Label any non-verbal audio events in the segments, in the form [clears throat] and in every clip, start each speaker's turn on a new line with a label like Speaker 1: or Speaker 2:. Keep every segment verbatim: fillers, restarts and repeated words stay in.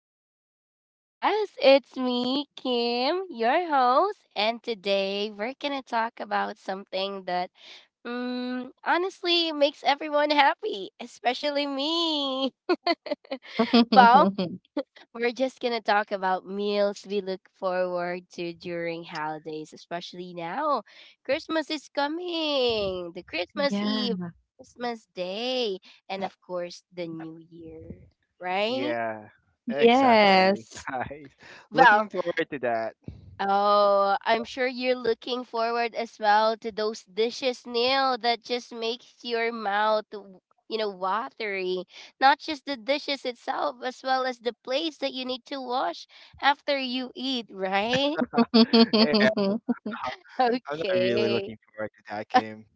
Speaker 1: back to the podcast. It's me, Kim, your host, and today we're gonna talk about something that mm, honestly makes everyone happy, especially me. [laughs] well,
Speaker 2: [laughs]
Speaker 1: we're just gonna talk about meals we look forward to during holidays, especially now. Christmas is coming, the Christmas Eve,
Speaker 2: Yeah.
Speaker 1: Christmas Day, and of course the New Year, right?
Speaker 3: Yeah, exactly.
Speaker 2: Yes.
Speaker 3: [laughs] Nice. Looking
Speaker 1: Well,
Speaker 3: forward to that.
Speaker 1: oh, I'm sure you're looking forward as well to those dishes, Neil, that just makes your mouth, w- you know, watery. Not just the dishes itself, as well as the plates that you need to wash after you eat, right? [laughs]
Speaker 3: [laughs] Yeah, I'm not really
Speaker 1: Okay.
Speaker 3: looking forward to that, Kim.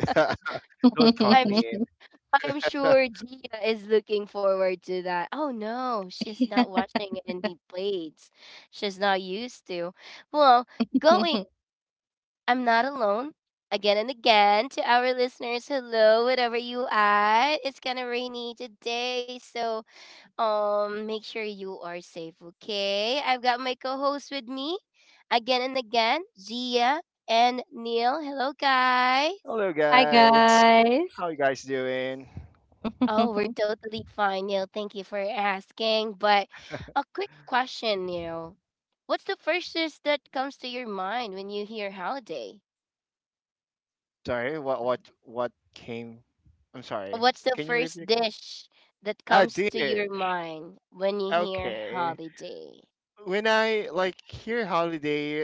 Speaker 3: [laughs] Don't count
Speaker 1: I'm s-
Speaker 3: me
Speaker 2: [laughs]
Speaker 1: I'm
Speaker 3: in.
Speaker 1: sure Gia is looking forward to that. Oh no, she's not washing any plates. She's not used to. Well, going I'm not alone. Again and again to our listeners, hello, whatever you at. It's kind of rainy today, so um, make sure you are safe, okay? I've got my co-host with me, again and again, Zia and Neil. Hello, guys.
Speaker 3: [laughs] Hello,
Speaker 2: Hi,
Speaker 3: guys. How
Speaker 2: guys.
Speaker 3: you guys doing?
Speaker 1: Oh, we're
Speaker 2: [laughs]
Speaker 1: totally fine, Neil. Thank you for asking. But a quick question, Neil. What's the first dish that comes to your mind when you hear holiday?
Speaker 3: Sorry, what what what came? I'm sorry.
Speaker 1: What's the
Speaker 3: Can you repeat
Speaker 1: first
Speaker 3: the question?
Speaker 1: dish that
Speaker 3: Ah,
Speaker 1: comes to your
Speaker 3: dish.
Speaker 1: mind when you hear
Speaker 3: Okay.
Speaker 1: holiday?
Speaker 3: When I like hear holiday,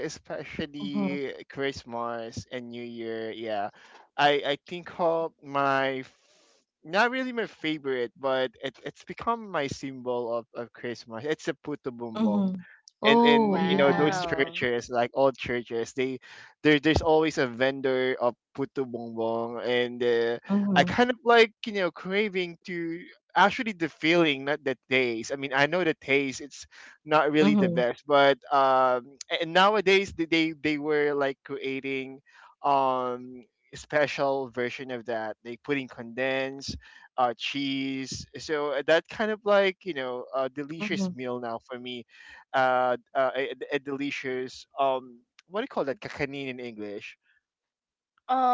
Speaker 2: Mm-hmm.
Speaker 3: especially Christmas and New Year, yeah, I I think of my f- not really my favorite, but it, it's become my symbol of, of Christmas. It's a puto bumbong.
Speaker 2: Mm-hmm.
Speaker 3: And and
Speaker 2: Oh,
Speaker 3: you know
Speaker 2: yeah.
Speaker 3: those
Speaker 1: Wow.
Speaker 3: churches, like all churches, they there there's always a vendor of puto bumbong, and uh, I
Speaker 2: Mm-hmm.
Speaker 3: kind of like you know craving to, actually the feeling, not the taste. I mean, I know the taste. It's not really the
Speaker 2: Mm-hmm.
Speaker 3: best, but um and nowadays they they they were like creating um special version of that, they put in condensed uh cheese, so uh, that kind of like you know a delicious
Speaker 2: Mm-hmm.
Speaker 3: meal now for me, uh, uh a, a delicious um what do you call that kakanin in english?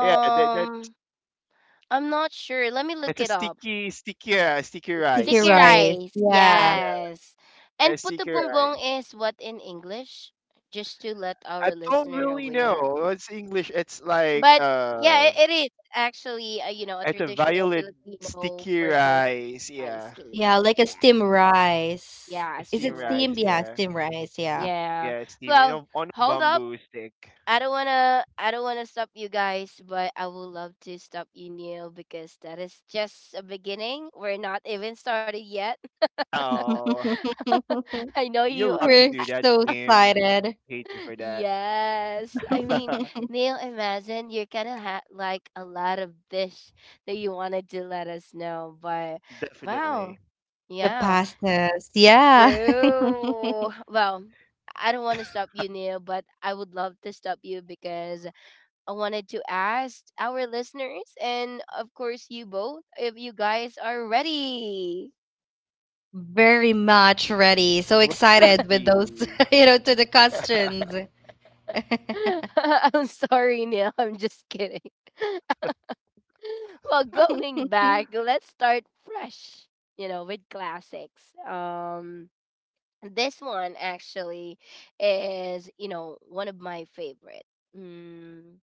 Speaker 3: Yeah that, that
Speaker 1: I'm not sure. Let me look
Speaker 3: it's a
Speaker 1: it up.
Speaker 3: sticky sticky uh, sticky
Speaker 2: Sticky
Speaker 3: rice,
Speaker 1: Sticky
Speaker 3: yeah.
Speaker 2: rice.
Speaker 1: rice.
Speaker 3: yeah,
Speaker 2: Yeah.
Speaker 1: Yes.
Speaker 3: yeah.
Speaker 1: And
Speaker 3: A
Speaker 1: puto
Speaker 3: sticky rice.
Speaker 1: bumbong is what in English? Just to let our
Speaker 3: I don't
Speaker 1: listener
Speaker 3: really
Speaker 1: aware.
Speaker 3: know. It's English. It's like,
Speaker 1: But yeah,
Speaker 3: uh,
Speaker 1: it, it is actually, uh, you know, a
Speaker 3: it's a
Speaker 1: traditional
Speaker 3: violet
Speaker 1: Filipino
Speaker 3: sticky
Speaker 1: purple streamed
Speaker 3: rice.
Speaker 1: rice
Speaker 3: Yeah,
Speaker 1: cake.
Speaker 2: Yeah, like a
Speaker 1: Yeah.
Speaker 2: steam rice.
Speaker 1: Yeah, a
Speaker 2: Is
Speaker 3: steam
Speaker 2: it
Speaker 1: stream
Speaker 2: steam?
Speaker 3: rice.
Speaker 1: rice.
Speaker 2: Yeah,
Speaker 3: Yeah,
Speaker 2: steam rice. Yeah.
Speaker 1: Yeah.
Speaker 3: yeah, steam. You
Speaker 1: Well,
Speaker 3: know, on a
Speaker 1: hold up.
Speaker 3: bamboo stick.
Speaker 1: I don't wanna I don't wanna stop you guys, but I would love to stop you Neil because that is just a beginning. We're not even started yet. [laughs]
Speaker 3: Oh,
Speaker 2: [laughs]
Speaker 1: I know
Speaker 3: you
Speaker 1: you
Speaker 3: love to
Speaker 2: We're
Speaker 1: I-
Speaker 3: do that,
Speaker 2: so
Speaker 3: Kim.
Speaker 2: excited.
Speaker 3: Hate you
Speaker 1: [laughs]
Speaker 3: for that.
Speaker 1: Yes. I mean,
Speaker 2: [laughs]
Speaker 1: Neil, imagine you're gonna have like a lot of dish that you wanted to let us know, but wow.
Speaker 3: Definitely.
Speaker 2: The
Speaker 1: Yeah.
Speaker 2: pastas. Yeah. [laughs]
Speaker 1: True. Well, I don't want to stop you, Neil, but I would love to stop you because I wanted to ask our listeners and, of course, you both if you guys are ready.
Speaker 2: Very much ready. So excited with those,
Speaker 3: Really.
Speaker 2: [laughs] you know, to the questions. [laughs]
Speaker 1: [laughs] I'm sorry, Neil. I'm just kidding. [laughs] Well, going back, let's start fresh, you know, with classics. Um, this one actually is, you know, one of my favorite. Mm,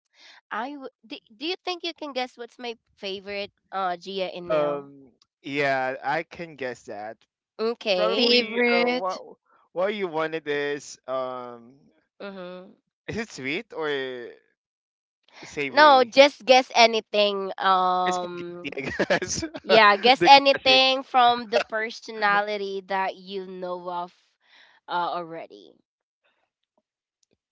Speaker 1: I w- do, do you think you can guess what's my favorite, uh, Gia and Neil?
Speaker 3: Um. Yeah, I can guess that.
Speaker 1: Okay.
Speaker 3: Probably. Uh,
Speaker 2: Favorite,
Speaker 3: what what you wanted is, um,
Speaker 1: Mm-hmm.
Speaker 3: is it sweet or
Speaker 1: No,
Speaker 3: savory?
Speaker 1: just guess anything.
Speaker 3: It's spaghetti,
Speaker 1: Um,
Speaker 3: I guess. [laughs]
Speaker 1: yeah, guess
Speaker 3: The classic.
Speaker 1: anything from the personality that you know of uh, already.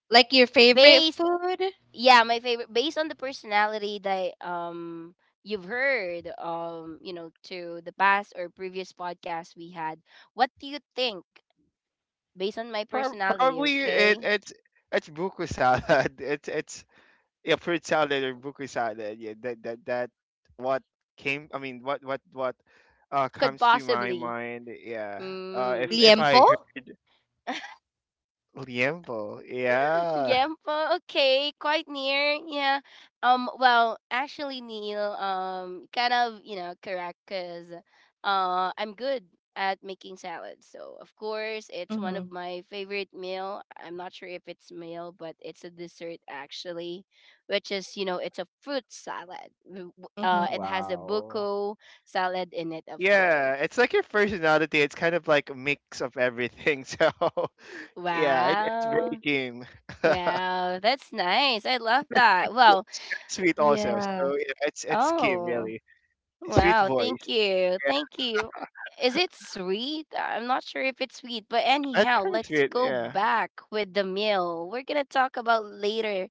Speaker 2: like your favorite
Speaker 1: Based,
Speaker 2: food?
Speaker 1: yeah, my favorite. Based on the personality that um you've heard um you know to the past or previous podcast we had. What do you think based on my
Speaker 3: Prob-
Speaker 1: personality?
Speaker 3: Probably it
Speaker 1: Okay,
Speaker 3: it's it's buku salad. [laughs] It's it's yeah, fruit salad or buku salad. Yeah, that that that what came. I mean, what what what uh
Speaker 1: could
Speaker 3: comes to my
Speaker 1: possibly.
Speaker 3: mind. Yeah. Uh, if
Speaker 1: Mm.
Speaker 3: if I
Speaker 2: Liempo?
Speaker 3: heard
Speaker 1: [laughs]
Speaker 3: liempo, yeah.
Speaker 1: Gempo, okay, quite near. Yeah. Um. Well, actually, Neil. Um. Kind of. You know, correct. Cause, uh, I'm good at making salads. So of course, it's one
Speaker 2: Mm-hmm.
Speaker 1: of my favorite meal. I'm not sure if it's meal, but it's a dessert actually, which is you know it's a fruit salad. W- w- Uh, it
Speaker 2: Mm-hmm.
Speaker 1: has a
Speaker 3: Wow.
Speaker 1: buko salad in it, of course.
Speaker 3: Yeah, it's like your personality. It's kind of like a mix of everything. [laughs] So yeah, it, it's very
Speaker 1: Wow.
Speaker 3: Kim. [laughs] Yeah,
Speaker 1: Wow, that's nice. I love that. Well,
Speaker 3: it's kinda sweet also.
Speaker 2: Yeah.
Speaker 3: So yeah, it's it's Kim
Speaker 1: oh.
Speaker 3: really. Sweet
Speaker 1: Wow, thank
Speaker 3: voice.
Speaker 1: you. Thank you. Is it sweet? I'm not sure if it's sweet, but
Speaker 3: That's
Speaker 1: anyhow,
Speaker 3: kind of
Speaker 1: let's
Speaker 3: sweet,
Speaker 1: go
Speaker 3: yeah.
Speaker 1: back with the meal. We're gonna talk about later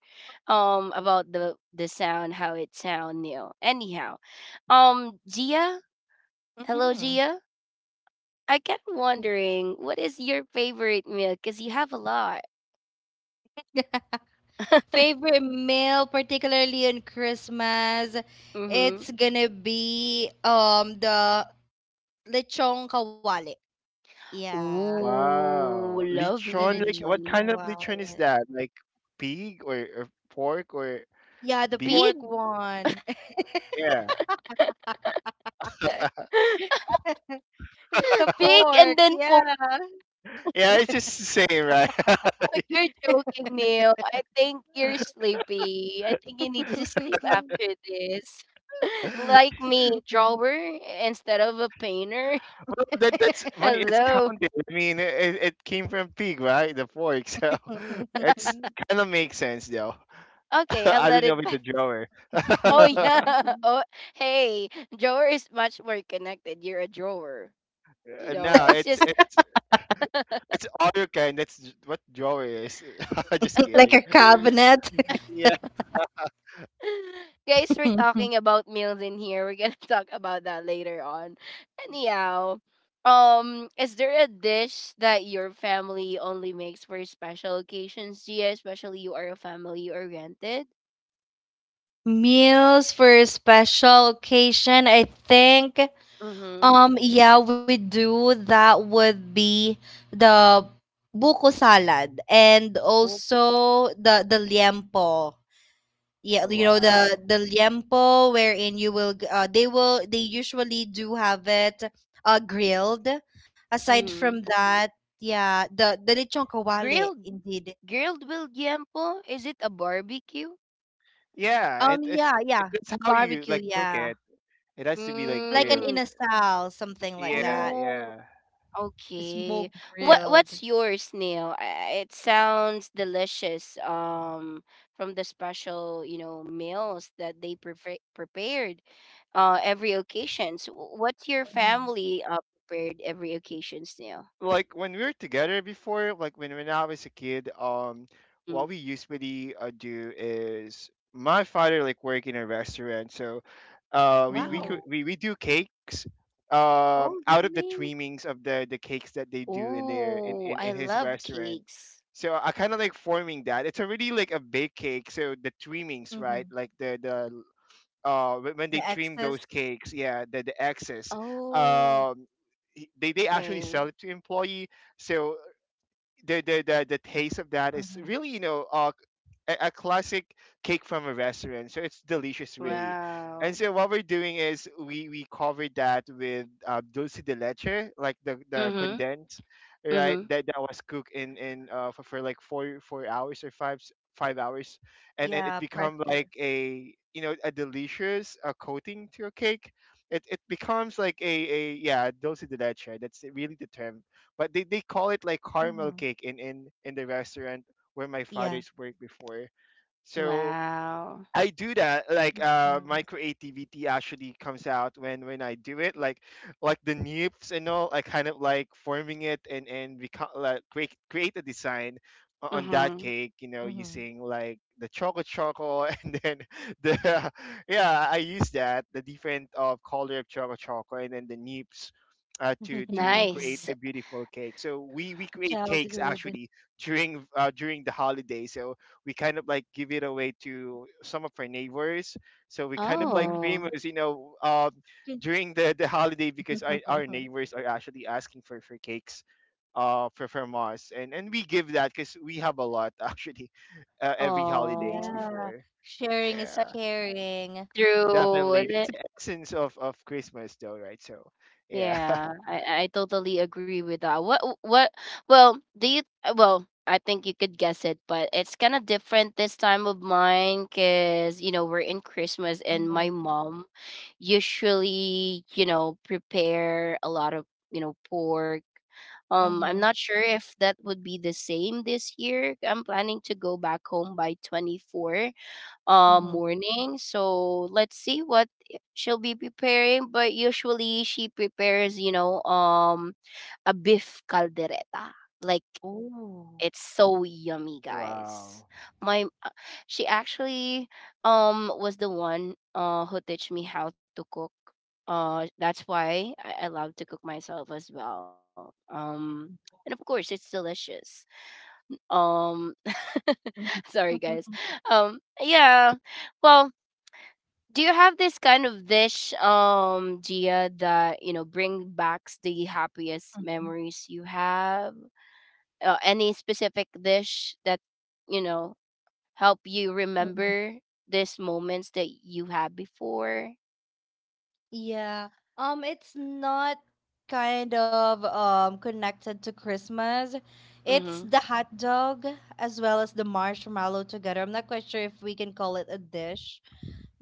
Speaker 1: um about the the sound, how it sound meal. Anyhow. Um Gia? Hello
Speaker 2: Mm-hmm.
Speaker 1: Gia? I kept wondering what is your favorite meal? Because you have a lot.
Speaker 2: [laughs] Favorite meal, particularly on Christmas,
Speaker 1: Mm-hmm.
Speaker 2: it's gonna be um the lechong kawali. Yeah,
Speaker 1: Ooh,
Speaker 3: Wow.
Speaker 2: the
Speaker 3: Lechon, like
Speaker 2: lechong
Speaker 3: what
Speaker 1: lovely.
Speaker 3: kind of lechon is
Speaker 2: kawali.
Speaker 3: that? Like pig or, or pork or
Speaker 2: Yeah, the
Speaker 3: beef?
Speaker 1: Pig.
Speaker 2: pork one.
Speaker 3: Yeah.
Speaker 1: [laughs]
Speaker 2: [laughs] The
Speaker 1: Pig
Speaker 2: pork,
Speaker 1: and then pork.
Speaker 2: yeah.
Speaker 3: Yeah, it's just the same, right?
Speaker 1: Oh, you're joking, Neil. I think you're sleepy. I think you need to sleep after this. [laughs] Like
Speaker 3: [laughs]
Speaker 1: me, drawer instead of a painter.
Speaker 3: Well, that that's
Speaker 1: [laughs]
Speaker 3: well, it's
Speaker 1: Hello.
Speaker 3: counted. I mean, it, it came from pig, right? The pork, so [laughs] it's
Speaker 2: [laughs]
Speaker 3: kind of makes sense though. [laughs]
Speaker 1: Okay, I'll
Speaker 3: I don't
Speaker 1: let
Speaker 3: know
Speaker 1: it
Speaker 3: with the
Speaker 1: pass.
Speaker 3: drawer.
Speaker 1: Oh yeah.
Speaker 3: [laughs]
Speaker 1: [laughs] Oh hey, drawer is much more connected. You're a drawer. You
Speaker 3: Uh,
Speaker 1: know,
Speaker 3: no,
Speaker 1: it's
Speaker 3: it's
Speaker 1: just
Speaker 3: it's it's all your kind. That's j- what drawer is. [laughs] Just
Speaker 2: Like
Speaker 3: kidding.
Speaker 2: a
Speaker 1: [laughs]
Speaker 2: cabinet.
Speaker 3: Yeah.
Speaker 1: [laughs] Guys, we're talking
Speaker 2: [laughs]
Speaker 1: about meals in here. We're gonna [laughs] talk about that later on. Anyhow, um, is there a dish that your family only makes for special occasions, Gia? Especially you are a family oriented.
Speaker 2: Meals for a special occasion, I think.
Speaker 1: Mm-hmm.
Speaker 2: Um, yeah, we do. That would be the buko salad and
Speaker 1: Oh,
Speaker 2: also the the liempo. Yeah, you know the
Speaker 3: Wow.
Speaker 2: the liempo wherein you will g- uh, they will they usually do have it uh grilled, aside from
Speaker 1: mm-hmm.
Speaker 2: that. Yeah, the the lechon kawale
Speaker 1: Grilled
Speaker 2: indeed.
Speaker 1: grilled Williampo? Is it a barbecue?
Speaker 3: Yeah,
Speaker 2: um
Speaker 3: it, it's
Speaker 2: yeah,
Speaker 3: it,
Speaker 2: yeah,
Speaker 3: that's how you
Speaker 2: barbecue,
Speaker 3: like cook
Speaker 2: yeah,
Speaker 3: it. It has to be like
Speaker 2: like an
Speaker 3: grilled.
Speaker 1: Mm.
Speaker 2: inasal, something like
Speaker 3: Yeah,
Speaker 2: that.
Speaker 1: Oh.
Speaker 3: yeah.
Speaker 2: Smoke
Speaker 1: Okay. What
Speaker 2: grilled.
Speaker 1: what's yours, Neil? I- It sounds delicious. Um, from the special, you know, meals that they prefer- prepared, uh, every occasion. So wh- what's your
Speaker 2: Hmm.
Speaker 1: family uh, prepared every occasions, Neil?
Speaker 3: Like when we were together before, like when when I was a kid, um,
Speaker 1: Mm.
Speaker 3: what we usually uh, do is my father like work in a restaurant, so uh, we we
Speaker 1: Wow.
Speaker 3: could
Speaker 2: Whoa.
Speaker 3: we, we do cakes, um
Speaker 2: Oh,
Speaker 3: out of the
Speaker 2: really?
Speaker 3: trimmings of the the cakes that they do in their in
Speaker 1: Oh,
Speaker 3: in,
Speaker 1: I
Speaker 3: in his
Speaker 1: love
Speaker 3: restaurant.
Speaker 1: cakes.
Speaker 3: So I kind of like forming that. It's already like a baked cake, so the trimmings, right?
Speaker 2: Mm-hmm.
Speaker 3: Like the the uh wh- when they
Speaker 2: The
Speaker 3: trim those
Speaker 2: excess.
Speaker 3: cakes, yeah, the, the excess,
Speaker 1: Oh,
Speaker 3: um y- they, they actually
Speaker 1: okay.
Speaker 3: sell it to employee, so the the the, the taste of that is
Speaker 2: Mm-hmm.
Speaker 3: really, you know, uh, a, a classic cake from a restaurant, so it's delicious really.
Speaker 1: Wow.
Speaker 3: And so what we're doing is we we covered that with, uh, dulce de leche, like the the
Speaker 2: Mm-hmm.
Speaker 1: Mhm.
Speaker 3: condensed, right?
Speaker 1: Mhm.
Speaker 3: That that was cooked in in uh, for, for like four four hours or five s- five hours, and and it
Speaker 2: Yeah,
Speaker 3: become like
Speaker 2: pressure.
Speaker 3: a, you know, a delicious, uh, coating to your cake. it it becomes like a a yeah, dulce de leche. That's really the term, but they, they call it like caramel
Speaker 2: Mm-hmm.
Speaker 3: cake in in in the restaurant where my
Speaker 2: Yeah.
Speaker 3: father's worked before. So
Speaker 1: Wow.
Speaker 3: I do that. Like,
Speaker 2: Mm-hmm.
Speaker 3: uh, my creativity actually comes out when when I do it. Like like the nips and all. I kind of like forming it and and become like create create a design o- on that
Speaker 1: Mhm.
Speaker 3: cake. You know, using like the chocolate choco, [laughs] and then the [laughs] yeah, I use that the different of color of chocolate choco and then the nips. Uh, to to
Speaker 2: Mm-hmm. [laughs]
Speaker 3: create
Speaker 1: Nice.
Speaker 3: a beautiful cake, so we we create cakes
Speaker 2: Childhood.
Speaker 3: actually during, uh, during the holiday. So we kind of like give it away to some of our neighbors. So we kind of like
Speaker 2: Mm-hmm.
Speaker 1: Oh.
Speaker 3: famous, you know, um, during the, the holiday because our, our
Speaker 2: [laughs]
Speaker 3: neighbors are actually asking for, for cakes, uh for from us, and and we give that because we have a lot [laughs] actually, uh, every holidays
Speaker 1: Oh,
Speaker 2: Yeah,
Speaker 3: before.
Speaker 2: sharing is
Speaker 1: that's
Speaker 3: Yeah,
Speaker 2: caring.
Speaker 1: true.
Speaker 3: definitely
Speaker 1: Th-
Speaker 3: that's the essence of of Christmas though, right? So yeah.
Speaker 1: Yeah, I I totally agree with that. What what? Well, do you? uh, Well, I think you could guess it, but it's kind of different this time of mine because you know we're in Christmas and my
Speaker 2: Mm-hmm.
Speaker 1: mom usually you know prepare a lot of you know pork. Um, I'm
Speaker 2: Mm-hmm.
Speaker 1: not sure if that would be the same this year. I'm planning to go back home by twenty-fourth uh,
Speaker 2: Mm-hmm.
Speaker 1: morning. So let's see what she'll be preparing. But usually she prepares, you know, um, a beef caldereta. Like
Speaker 2: Oh.
Speaker 1: it's so yummy,
Speaker 3: [laughs]
Speaker 1: guys.
Speaker 3: Wow.
Speaker 1: My uh, She actually um was the one uh who teach me how to cook. Uh, that's why I, I love to cook myself as well. Um, and of course it's delicious. Um, [laughs] sorry guys.
Speaker 2: Mm-hmm. [laughs]
Speaker 1: Um, yeah. Well, do you have this kind of dish um gia that you know bring back the happiest memories you have uh, any specific dish that you know help you
Speaker 2: Mm-hmm.
Speaker 1: remember these moments that you had before
Speaker 2: Yeah. Um, it's not kind of um connected to Christmas. It's
Speaker 1: mm-hmm
Speaker 2: the hot dog as well as the marshmallow together. I'm not quite sure if we can call it a dish,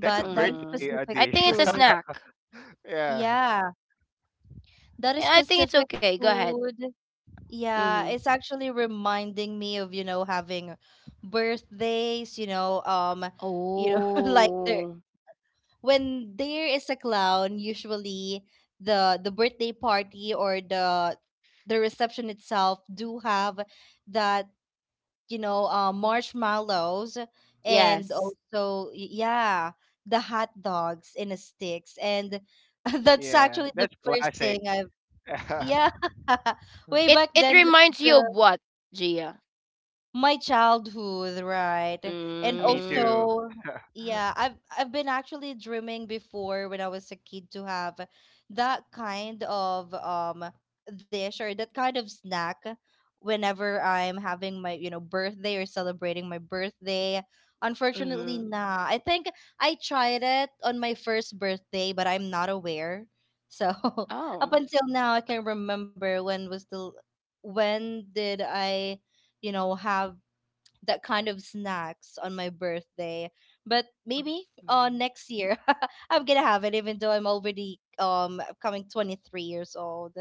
Speaker 3: That's a
Speaker 2: that is
Speaker 1: mm-hmm
Speaker 3: birthday, uh,
Speaker 2: specific
Speaker 1: I think
Speaker 3: dish.
Speaker 1: it's a
Speaker 2: food.
Speaker 1: snack.
Speaker 3: [laughs] Yeah,
Speaker 2: Yeah, that is
Speaker 1: Yeah, I think it's
Speaker 2: specific
Speaker 1: okay go ahead
Speaker 2: food.
Speaker 1: mm-hmm
Speaker 2: Yeah, it's actually reminding me of, you know, having birthdays, you know, um, you know, [laughs] like there,
Speaker 1: oh
Speaker 2: when there is a clown, usually the the birthday party or the the reception itself do have that, you know, uh, marshmallows and
Speaker 1: yes
Speaker 2: also y- yeah, the hot dogs in a sticks, and [laughs] that's
Speaker 3: yeah,
Speaker 2: actually the
Speaker 3: that's
Speaker 2: first thing
Speaker 3: classic.
Speaker 2: I've
Speaker 3: [laughs]
Speaker 2: yeah. [laughs] Way
Speaker 1: it
Speaker 2: back
Speaker 1: it
Speaker 2: then that's
Speaker 1: reminds you
Speaker 2: the
Speaker 1: of what gia.
Speaker 2: my childhood, right? And
Speaker 3: Me
Speaker 1: Mm,
Speaker 3: too.
Speaker 2: also, yeah, I've I've been actually dreaming before when I was a kid to have that kind of um dish or that kind of snack whenever I'm having my, you know, birthday or celebrating my birthday. Unfortunately,
Speaker 1: mm-hmm
Speaker 2: nah. I think I tried it on my first birthday, but I'm not aware. So [laughs] up
Speaker 1: oh.
Speaker 2: until now, I can remember when was the when did I you know have that kind of snacks on my birthday. But maybe uh
Speaker 1: Mm.
Speaker 2: next year [laughs] I'm gonna have it, even though I'm already um coming twenty three years old.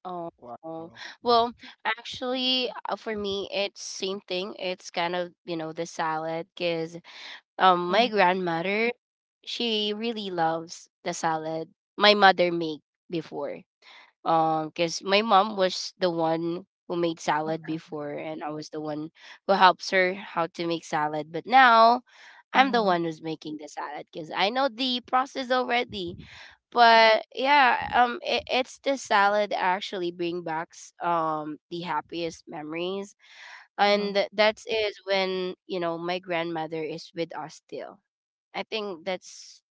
Speaker 1: Oh,
Speaker 3: Wow.
Speaker 1: oh. well, Actually, uh, for me, it's same thing. It's kind of, you know, the salad because um my
Speaker 2: Mhm,
Speaker 1: grandmother, she really loves the salad my mother made before. Um, because my mom was the one who made salad
Speaker 2: mhm,
Speaker 1: before, and I was the one who helps her how to make salad. But now, I'm the
Speaker 2: mhm,
Speaker 1: one who's making the salad because I know the process already but yeah um it, it's the salad actually bring back s- um the happiest memories and th- that's is when you know my grandmother is with us still I think that's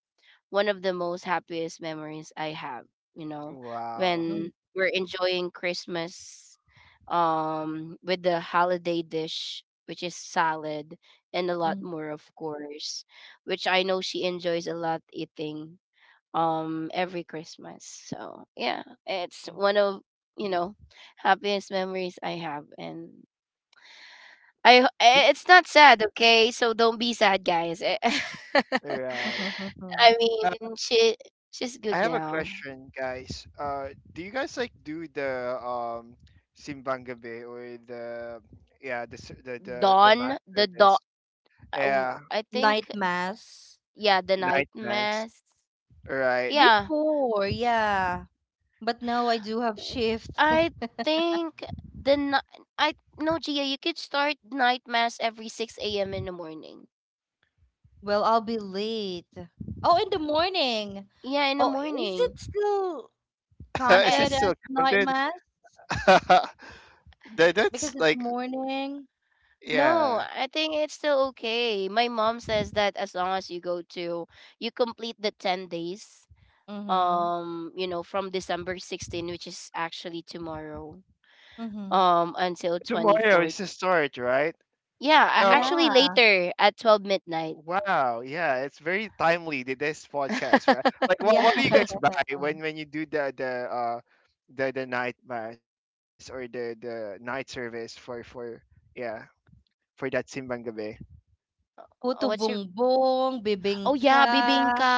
Speaker 1: one of the most happiest memories I have you know
Speaker 3: Wow.
Speaker 2: mhm,
Speaker 1: when we're enjoying christmas um with the holiday dish which is salad and a lot
Speaker 2: mhm,
Speaker 1: more of course which I know she enjoys a lot eating um every Christmas. So yeah, it's one of you know happiest memories I have, and I ho- eh,
Speaker 3: The-
Speaker 1: it's not sad, okay? So don't be sad, guys. Eh, [laughs]
Speaker 3: Right.
Speaker 2: mhm.
Speaker 1: I
Speaker 2: [laughs]
Speaker 3: Uh,
Speaker 1: mean, she she's
Speaker 3: I
Speaker 1: good
Speaker 3: have a
Speaker 1: now.
Speaker 3: question, guys. Uh, do you guys like do the, um, simbang gabi or the, yeah, the s- the the, the mass
Speaker 1: Dawn, the dawn.
Speaker 3: service? Yeah,
Speaker 1: I think
Speaker 2: Night mass.
Speaker 1: yeah, the night
Speaker 3: night mass.
Speaker 1: mass.
Speaker 3: Right.
Speaker 1: Yeah,
Speaker 2: Before, yeah. But now I do have
Speaker 1: w-
Speaker 2: shift.
Speaker 1: I
Speaker 2: [laughs]
Speaker 1: think the ni- I no Gia, you could start night mass every six a m in the morning.
Speaker 2: Well, I'll be late. Oh, in the morning.
Speaker 1: Yeah, in the
Speaker 2: Oh, is
Speaker 1: morning
Speaker 2: it still
Speaker 3: [laughs]
Speaker 1: Uh, uh,
Speaker 3: Is it
Speaker 2: counted
Speaker 1: it's
Speaker 2: as
Speaker 3: still
Speaker 2: night
Speaker 3: counted?
Speaker 2: mass?
Speaker 3: [laughs] that,
Speaker 2: Because
Speaker 3: that's
Speaker 2: it's
Speaker 3: like
Speaker 2: morning.
Speaker 1: no,
Speaker 3: yeah.
Speaker 1: I think it's still okay. My mom says that as long as you go to you complete the ten days
Speaker 2: Mhm,
Speaker 1: um you know from December sixteenth which is actually tomorrow
Speaker 2: mhm.
Speaker 1: um until
Speaker 3: Tomorrow
Speaker 1: twenty-fourth.
Speaker 3: is the start, right?
Speaker 1: Yeah, a-
Speaker 3: Uh,
Speaker 1: actually
Speaker 2: Yeah,
Speaker 1: later at twelve midnight.
Speaker 3: wow, yeah, it's very timely that this podcast, right? Like what
Speaker 2: yeah.
Speaker 3: what do you guys
Speaker 1: [laughs]
Speaker 2: [laughs]
Speaker 3: buy when when you do the, the uh the the night mass or the the night service for for yeah, for that Simbang Gabi?
Speaker 2: Puto
Speaker 1: What's
Speaker 2: Bumbong, Mm.
Speaker 1: Oh
Speaker 2: Bibingka.
Speaker 1: yeah, bibingka.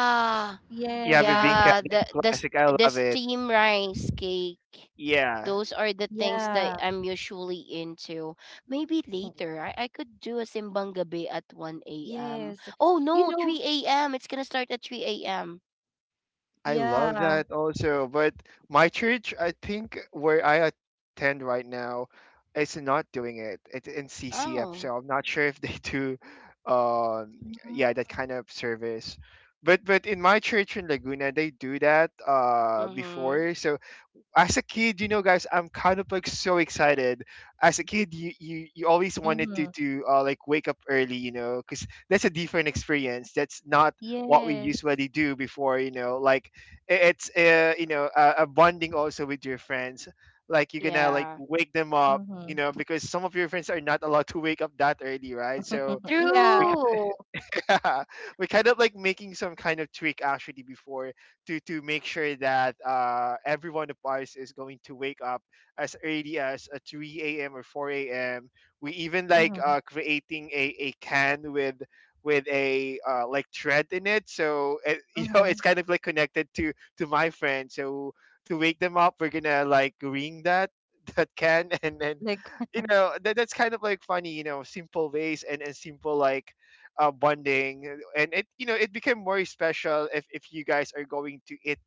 Speaker 3: Yeah,
Speaker 2: Yes,
Speaker 3: bibingka,
Speaker 1: Yeah,
Speaker 3: it's
Speaker 1: the the s-
Speaker 3: classic. I
Speaker 1: the
Speaker 3: love it.
Speaker 1: steam rice cake.
Speaker 3: Yeah.
Speaker 1: Those are the
Speaker 2: yeah.
Speaker 1: things that I'm usually into. Maybe
Speaker 2: Mm.
Speaker 1: later I, I could do a simbang gabi at one a m.
Speaker 2: Yes.
Speaker 1: Oh
Speaker 2: You
Speaker 1: no,
Speaker 2: know
Speaker 1: three a m. It's gonna start at three a m.
Speaker 3: I love
Speaker 2: yeah.
Speaker 3: that also, but my church, I think, where I attend right now, is not doing it. It's in C C F, so
Speaker 1: Oh.
Speaker 3: I'm not sure if they [laughs] do, um, yeah, that
Speaker 2: Mm,
Speaker 3: kind of service. But but in my church in Laguna, they do that uh
Speaker 1: Mm-hmm.
Speaker 3: before. So as a kid, you know, guys, I'm kind of like so excited. As a kid, you you, you always wanted to
Speaker 2: mhm.
Speaker 3: to uh, like wake up early, you know, because that's a different experience. That's not what we
Speaker 2: Yes.
Speaker 3: usually do before, you know. Like i- it's, uh, you know, a, a bonding also with your friends. Like you're gonna like
Speaker 1: Yeah.
Speaker 3: wake them up,
Speaker 2: Mhm.
Speaker 3: you know, because some of your friends are not allowed to wake up that early, right? So
Speaker 2: [laughs] Yeah.
Speaker 3: we
Speaker 1: True.
Speaker 3: [laughs] yeah, we kind of like making some kind of tweak actually before to to make sure that uh everyone of us is going to wake up as early as, uh, three a m or four a m. We even like
Speaker 2: Mhm,
Speaker 3: uh creating a a can with with a, uh, like thread in it, so it, [laughs] you know,
Speaker 2: mhm.
Speaker 3: it's kind of like connected to to my friend, so to wake them up, we're gonna like ring that [laughs] that can, and then,
Speaker 2: Like [laughs]
Speaker 3: you know, that, that's kind of like funny, you know, simple ways, and, and simple like, uh, bonding, and it, you know, it became more special if if you guys are going to eat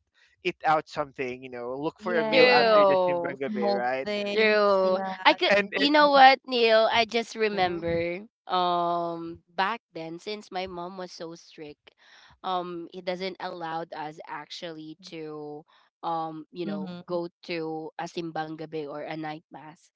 Speaker 3: eat out something. You know, look for a meal
Speaker 2: yes,
Speaker 3: after the
Speaker 1: True.
Speaker 3: simbang gabi,
Speaker 2: small
Speaker 3: right?
Speaker 2: things, yeah,
Speaker 1: True. I could
Speaker 3: And
Speaker 2: simple
Speaker 1: you
Speaker 3: it,
Speaker 1: know
Speaker 2: things.
Speaker 1: what, Neil? I just
Speaker 3: mhm,
Speaker 1: remember um back then since my mom was so strict, um it doesn't allowed us actually to um, you know,
Speaker 2: Mhm,
Speaker 1: go to a simbang gabi or a night mass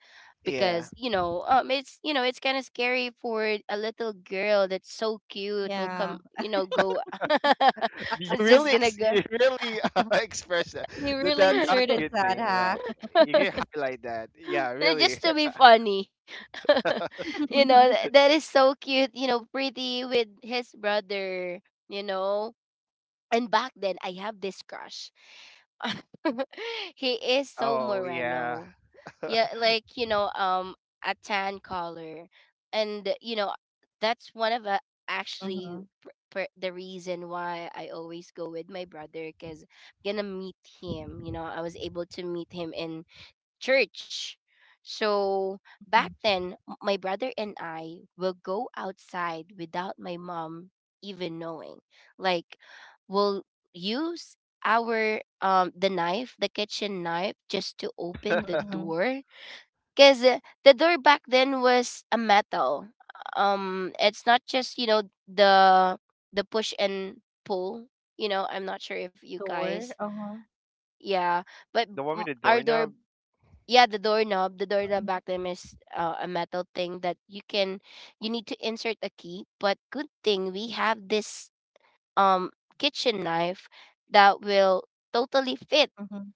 Speaker 3: yeah,
Speaker 1: because, you know, um it's you know, it's kind of scary for a little girl that's so cute will
Speaker 2: yeah.
Speaker 1: come, you know, go [laughs]
Speaker 3: you
Speaker 1: it's just
Speaker 3: really
Speaker 1: gonna
Speaker 3: ex-
Speaker 1: go.
Speaker 3: you [laughs] really, uh, [laughs] express that
Speaker 2: You
Speaker 3: that
Speaker 2: really
Speaker 3: that that
Speaker 1: [laughs]
Speaker 2: inserted
Speaker 3: you
Speaker 2: that,
Speaker 3: thing, right?
Speaker 2: huh?
Speaker 3: You can highlight that. Yeah,
Speaker 1: [laughs] just
Speaker 3: really.
Speaker 1: to be
Speaker 3: [laughs]
Speaker 1: funny. [laughs] you know,
Speaker 2: [laughs]
Speaker 1: th- that is so cute. You know, pretty with his brother, you know. And back then, I have this crush. [laughs] he is so
Speaker 3: Oh yeah,
Speaker 1: Moreno. Yeah,
Speaker 3: [laughs]
Speaker 1: like, you know, um, a tan color. And, you know, that's one of the actually
Speaker 2: Mhm,
Speaker 1: pr- pr- the reason why I always go with my brother because I'm gonna meet him. You know, I was able to meet him in church. So
Speaker 2: mhm,
Speaker 1: back then, m- my brother and I will go outside without my mom even knowing. Like, we'll use our um the knife, the kitchen knife, just to open the
Speaker 2: mhm.
Speaker 1: door. Cause uh, the door back then was a metal. Um, it's not just you know the the push and pull. You know, I'm not sure if you
Speaker 2: Door.
Speaker 1: guys,
Speaker 2: Uh-huh.
Speaker 1: yeah, but
Speaker 3: the one
Speaker 1: m-
Speaker 3: with the
Speaker 1: our door
Speaker 3: doorknob.
Speaker 1: yeah, the doorknob. The doorknob
Speaker 2: Mhm,
Speaker 1: back then is uh, a metal thing that you can, you need to insert a key. But good thing we have this um kitchen knife that will totally fit
Speaker 2: mhm,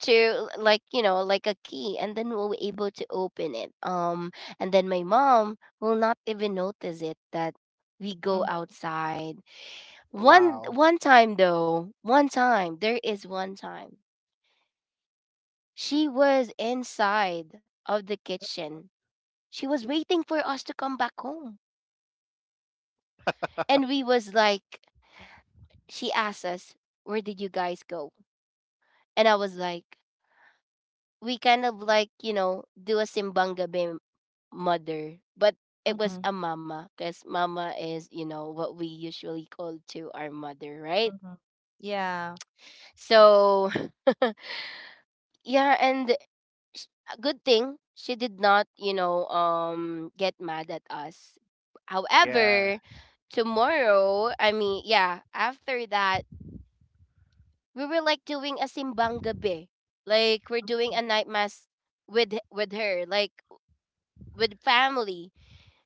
Speaker 1: to l- like you know like a key, and then we'll be able to open it. Um, and then my mom will not even notice it that we go
Speaker 2: mhm,
Speaker 1: outside. One
Speaker 3: Wow.
Speaker 1: one time though, one time there is one time she was inside of the kitchen. She was waiting for us to come back home. And we was like, She asked us, "Where did you guys go?" And I was like, "We kind of like, you know, do a simbang Gabi, mother." But it
Speaker 2: mhm,
Speaker 1: was a mama because mama is, you know, what we usually call to our mother, right?
Speaker 2: mhm. Yeah.
Speaker 1: So, [laughs] yeah, and sh- a good thing she did not, you know, um, get mad at us.
Speaker 3: Yeah.
Speaker 1: However, tomorrow, I mean, yeah, after that, we were like doing a simbang gabi. Like we're doing a
Speaker 2: Mhm,
Speaker 1: night mass with with her, like with family.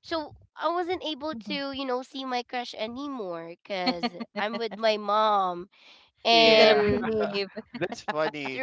Speaker 1: So I wasn't able
Speaker 2: mhm.
Speaker 1: to, you know, see my crush anymore cuz I'm with
Speaker 2: [laughs]
Speaker 1: my mom
Speaker 2: You
Speaker 3: Yeah.
Speaker 2: gotta
Speaker 1: and
Speaker 3: [laughs]
Speaker 2: behave
Speaker 3: That's funny.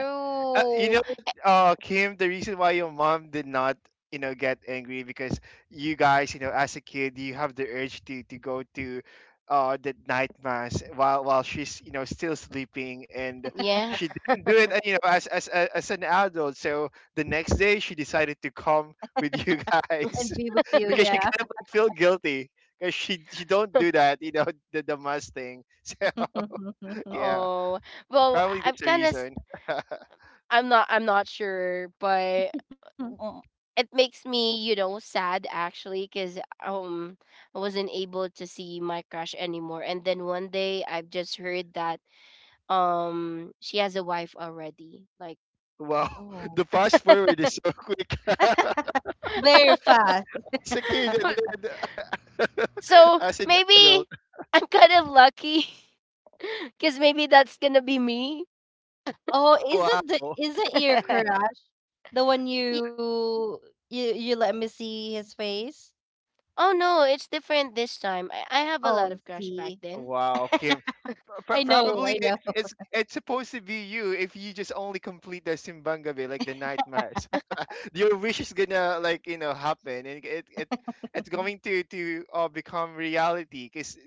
Speaker 3: Uh, you know, uh, Kim, the reason why your mom did not, you know, get angry because you guys, you know, as a kid, you have the urge to to go to, uh, the night mass while while she's, you know, still sleeping, and
Speaker 1: yeah.
Speaker 3: she
Speaker 1: [laughs]
Speaker 3: didn't do it, and you know, as as a- as an adult, so the next day she decided to come [laughs] with you guys
Speaker 2: and be with
Speaker 3: [laughs]
Speaker 2: you.
Speaker 3: because she kind
Speaker 2: Yeah.
Speaker 3: of like feel guilty because she she don't do that, you know, the the mass thing. [laughs] So yeah,
Speaker 2: [laughs]
Speaker 1: Oh. Well,
Speaker 3: probably
Speaker 1: I- I'm
Speaker 3: that's the
Speaker 1: kind of
Speaker 3: reason.
Speaker 1: I'm not I'm not sure, but uh, w- it makes me, you know, sad actually cuz um I wasn't able to see my crush anymore. And then one day I've just heard that um she has a wife already. Like
Speaker 3: Wow, [laughs] the
Speaker 2: Oh,
Speaker 3: fast forward is so quick. [laughs]
Speaker 2: very fast.
Speaker 3: As a kid, and
Speaker 1: [laughs]
Speaker 3: then [laughs]
Speaker 1: so
Speaker 3: as an adult,
Speaker 1: maybe I'm kind of lucky [laughs] cuz maybe that's going to be me.
Speaker 2: Oh, is it the
Speaker 3: wow,
Speaker 2: is the ear
Speaker 1: [laughs]
Speaker 2: correct? The one
Speaker 1: Ye-
Speaker 2: you you you let me see his face?
Speaker 1: oh no, it's different this time. I, I have a lot
Speaker 2: Oh,
Speaker 1: of crush back
Speaker 2: see.
Speaker 1: then.
Speaker 3: wow, Kim. Pro-
Speaker 2: I know,
Speaker 3: probably
Speaker 2: I know.
Speaker 3: it's, it's it's supposed to be you if you just only complete the Simbangabe, like the night mass. Your wish is gonna like, you know, happen, and it it it's going
Speaker 2: [laughs]
Speaker 3: to to uh, become reality. Cause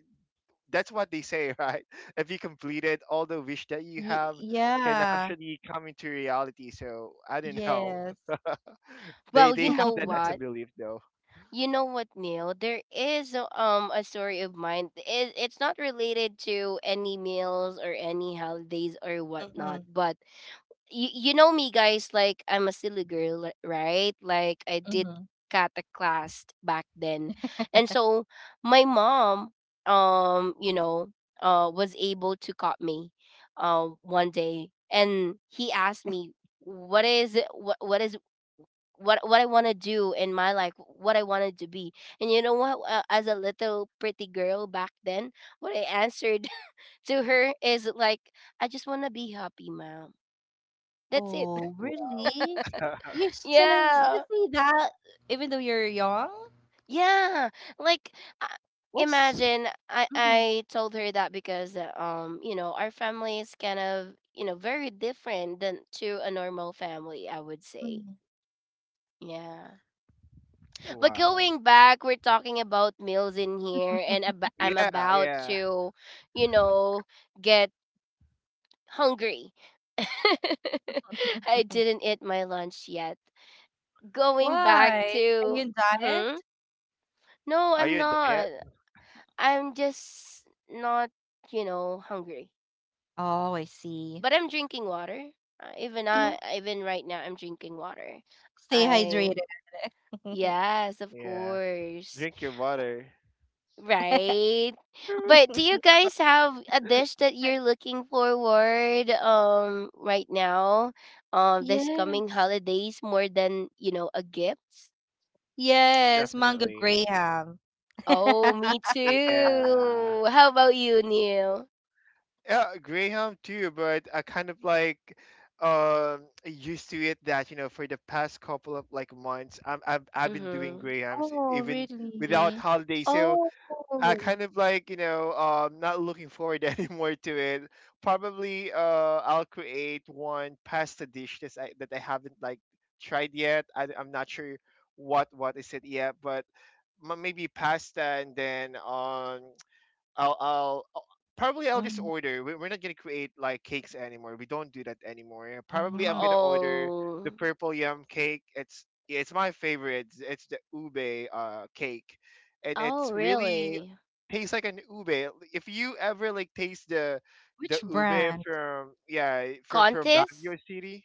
Speaker 3: that's what they say, right? [laughs] If you completed all the wish that you
Speaker 2: Y-
Speaker 3: have, can
Speaker 2: yeah.
Speaker 3: actually come into reality. So I don't know.
Speaker 2: Yes.
Speaker 3: [laughs] they
Speaker 1: Well,
Speaker 3: they
Speaker 1: you
Speaker 3: have
Speaker 1: know
Speaker 3: that
Speaker 2: [laughs]
Speaker 3: as a
Speaker 1: what?
Speaker 3: belief though.
Speaker 1: You know what, Neil? There is a- um a story of mine. It, it's not related to any meals or any holidays or whatnot.
Speaker 2: Mm-hmm.
Speaker 1: But you you know me, guys. Like I'm a silly girl, li- right? Like I
Speaker 2: Mm-hmm.
Speaker 1: did kata class back then, and so my mom, um, you know, uh, was able to caught me, uh, one day, and he asked me, "What is it? What what is what what I want to do in my life, what I wanted to be." And you know what? Uh, as a little pretty girl back then, what I answered [laughs] to her is like, "I just want to be happy, mom." That's it.
Speaker 2: Oh,
Speaker 3: Wow.
Speaker 2: really?
Speaker 3: [laughs]
Speaker 2: You
Speaker 1: [laughs]
Speaker 2: says you
Speaker 1: Yeah,
Speaker 2: see that even though you're young?
Speaker 1: yeah. Like, I
Speaker 2: What's
Speaker 1: imagine I
Speaker 2: Mhm,
Speaker 1: I told her that because uh, um you know our family is kind of you know very different than to a normal family, I would say.
Speaker 2: mhm,
Speaker 1: Yeah. But
Speaker 3: Wow.
Speaker 1: going back, we're talking about meals in here, and ab- I'm
Speaker 3: Yeah,
Speaker 1: about
Speaker 3: yeah.
Speaker 1: to, you know, get hungry. [laughs] I
Speaker 2: [laughs]
Speaker 1: didn't eat my lunch yet. Going back
Speaker 2: Why? Are
Speaker 1: to,
Speaker 2: you in
Speaker 1: hmm?
Speaker 2: diet?
Speaker 1: No,
Speaker 3: Are
Speaker 1: I'm
Speaker 3: you a
Speaker 1: not.
Speaker 3: diet?
Speaker 1: I'm just not, you know, hungry.
Speaker 2: Oh, I
Speaker 1: But
Speaker 2: see.
Speaker 1: I'm drinking water. Uh, even I,
Speaker 2: Yeah.
Speaker 1: even right now, I'm drinking water.
Speaker 2: Stay
Speaker 1: I
Speaker 2: hydrated.
Speaker 1: Yes, of
Speaker 3: Yeah.
Speaker 1: course.
Speaker 3: Drink your water.
Speaker 2: [laughs]
Speaker 1: Right.
Speaker 3: Toot.
Speaker 1: But do you guys have a dish that you're looking forward um right now, um this coming
Speaker 2: Yes.
Speaker 1: holidays, more than, you know, a gift?
Speaker 2: Yes, mango
Speaker 3: Definitely.
Speaker 2: graham.
Speaker 1: Oh, me
Speaker 2: [laughs]
Speaker 3: Yeah.
Speaker 1: too. How about you, Neil?
Speaker 3: Yeah, Graham too, but I kind of like, um, used to it that, you know, for the past couple of like months, I'm I've I've been doing
Speaker 1: Mhm.
Speaker 3: Grahams, e,
Speaker 2: Oh,
Speaker 3: even without
Speaker 2: really?
Speaker 3: holiday. So
Speaker 1: Oh.
Speaker 3: I kind of like, you know, um, not looking forward [laughs] anymore to it. Probably uh I'll create one pasta dish that I that I haven't like tried yet. I I'm not sure what what is it yet, but m- maybe pasta, and then, um, I'll, I'll I'll- probably I'll just
Speaker 2: Mhm,
Speaker 3: order. We- We're not gonna create like cakes anymore. We don't do that anymore. Probably I'm
Speaker 2: mhm.
Speaker 3: gonna order the
Speaker 1: Oh.
Speaker 3: purple yum cake. It's, yeah, it's my favorite. It's it's the ube uh cake, and
Speaker 1: Oh,
Speaker 3: it's really
Speaker 1: really?
Speaker 3: tastes like an ube. If you ever like taste the the
Speaker 2: Which
Speaker 3: ube
Speaker 2: brand?
Speaker 3: from, yeah, from from
Speaker 1: Contest?
Speaker 3: Baguio City.